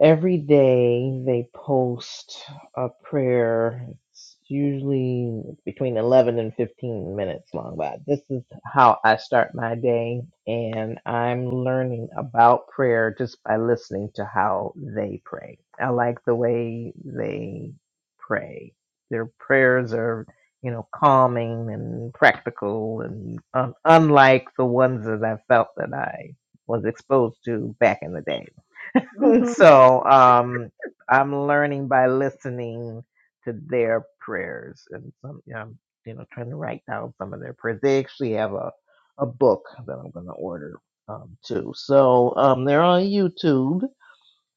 S3: Every day they post a prayer. It's usually between 11 and 15 minutes long, but this is how I start my day. And I'm learning about prayer just by listening to how they pray. I like the way they pray. Their prayers are, you know, calming and practical and un- unlike the ones that I felt that I was exposed to back in the day.
S2: hmm
S3: so um, I'm learning by listening to their prayers, and some yeah, I'm you know trying to write down some of their prayers. They actually have a a book that I'm going to order um, too. So um, they're on YouTube.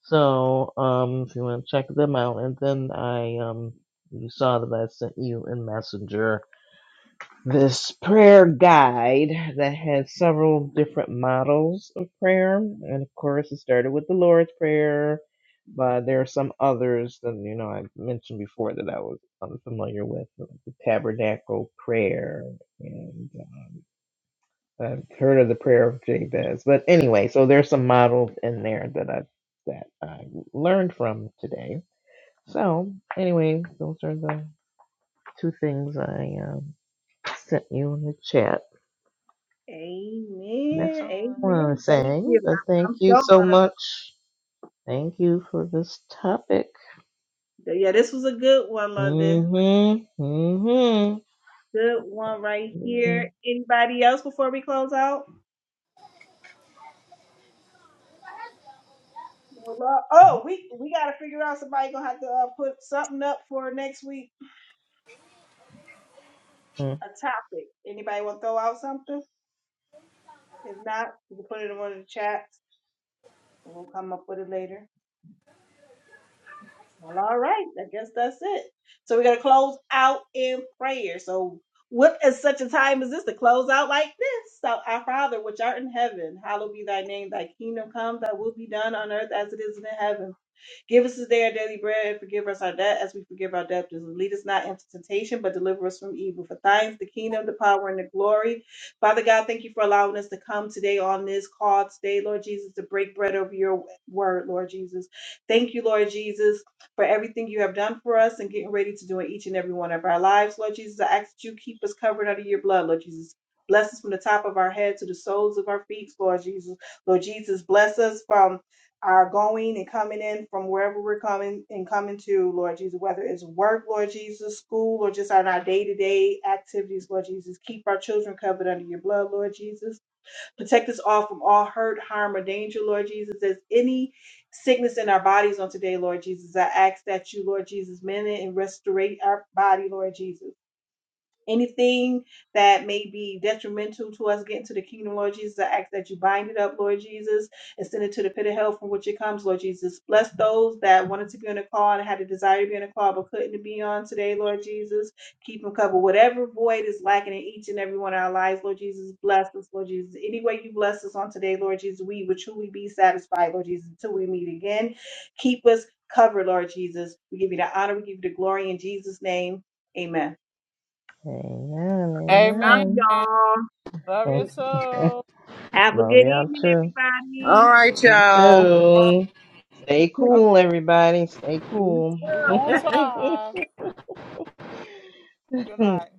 S3: So um, if you want to check them out, and then I um, you saw that I sent you in Messenger this prayer guide that has several different models of prayer. And of course, it started with the Lord's Prayer, but there are some others that, you know, I mentioned before that I was unfamiliar with like the Tabernacle Prayer. And um, I've heard of the Prayer of Jabez. But anyway, so there's some models in there that I that I learned from today. So anyway, those are the two things I um, sent you in the chat. That's
S2: Amen.
S3: all I want to
S2: Amen. Thank
S3: say.
S2: you.
S3: But
S2: I-
S3: thank
S2: I'm
S3: you
S2: so
S3: so
S2: gonna look.
S3: much. Thank you for this topic.
S2: Yeah, this was a good one, London.
S3: Mm-hmm. Mm-hmm.
S2: Good one right here.
S3: Amen.
S2: Anybody else before we close out? Well, uh, Oh, we we gotta figure out somebody gonna have to uh, put something up for next week. a topic. Anybody want to throw out something? If not, you can put it in one of the chats and we'll come up with it later. Well, all right. I guess that's it. So we're going to close out in prayer. So, what is such a time as this to close out like this? So, our Father, which art in heaven, hallowed be thy name. Thy kingdom come, thy will be done on earth as it is in heaven. Give us today our daily bread and forgive us our debt as we forgive our debtors. And lead us not into temptation, but deliver us from evil. For thine is the kingdom, the power, and the glory. Father God, thank you for allowing us to come today on this call today, Lord Jesus, to break bread over your word, Lord Jesus. Thank you, Lord Jesus, for everything you have done for us and getting ready to do in each and every one of our lives, Lord Jesus. I ask that you keep us covered under your blood, Lord Jesus. Bless us from the top of our head to the soles of our feet, Lord Jesus. Lord Jesus, bless us from our going and coming in from wherever we're coming and coming to, Lord Jesus, whether it's work, Lord Jesus, school, or just on our day to day activities, Lord Jesus. Keep our children covered under your blood, Lord Jesus. Protect us all from all hurt, harm, or danger, Lord Jesus. There's any sickness in our bodies on today, Lord Jesus. I ask that you, Lord Jesus, mend it and restore our body, Lord Jesus. Anything that may be detrimental to us getting to the kingdom, Lord Jesus, I ask that you bind it up, Lord Jesus, and send it to the pit of hell from which it comes, Lord Jesus. Bless those that wanted to be on the call and had a desire to be on the call but couldn't be on today, Lord Jesus. Keep them covered. Whatever void is lacking in each and every one of our lives, Lord Jesus, bless us, Lord Jesus. Any way you bless us on today, Lord Jesus, we will truly be satisfied, Lord Jesus, until we meet again. Keep us covered, Lord Jesus. We give you the honor, we give you the glory in Jesus' name. Amen. Love
S1: Amen.
S3: Amen.
S2: y'all.
S1: Love your soul.
S2: Have a
S3: Love
S2: good
S3: y'all
S2: evening,
S3: too.
S2: everybody.
S4: All right,
S3: You
S1: Okay.
S4: y'all.
S1: All
S3: too. Stay
S1: right.
S3: cool, everybody. Stay
S2: You
S3: cool.
S1: We're
S2: too.
S1: going to try. Good night.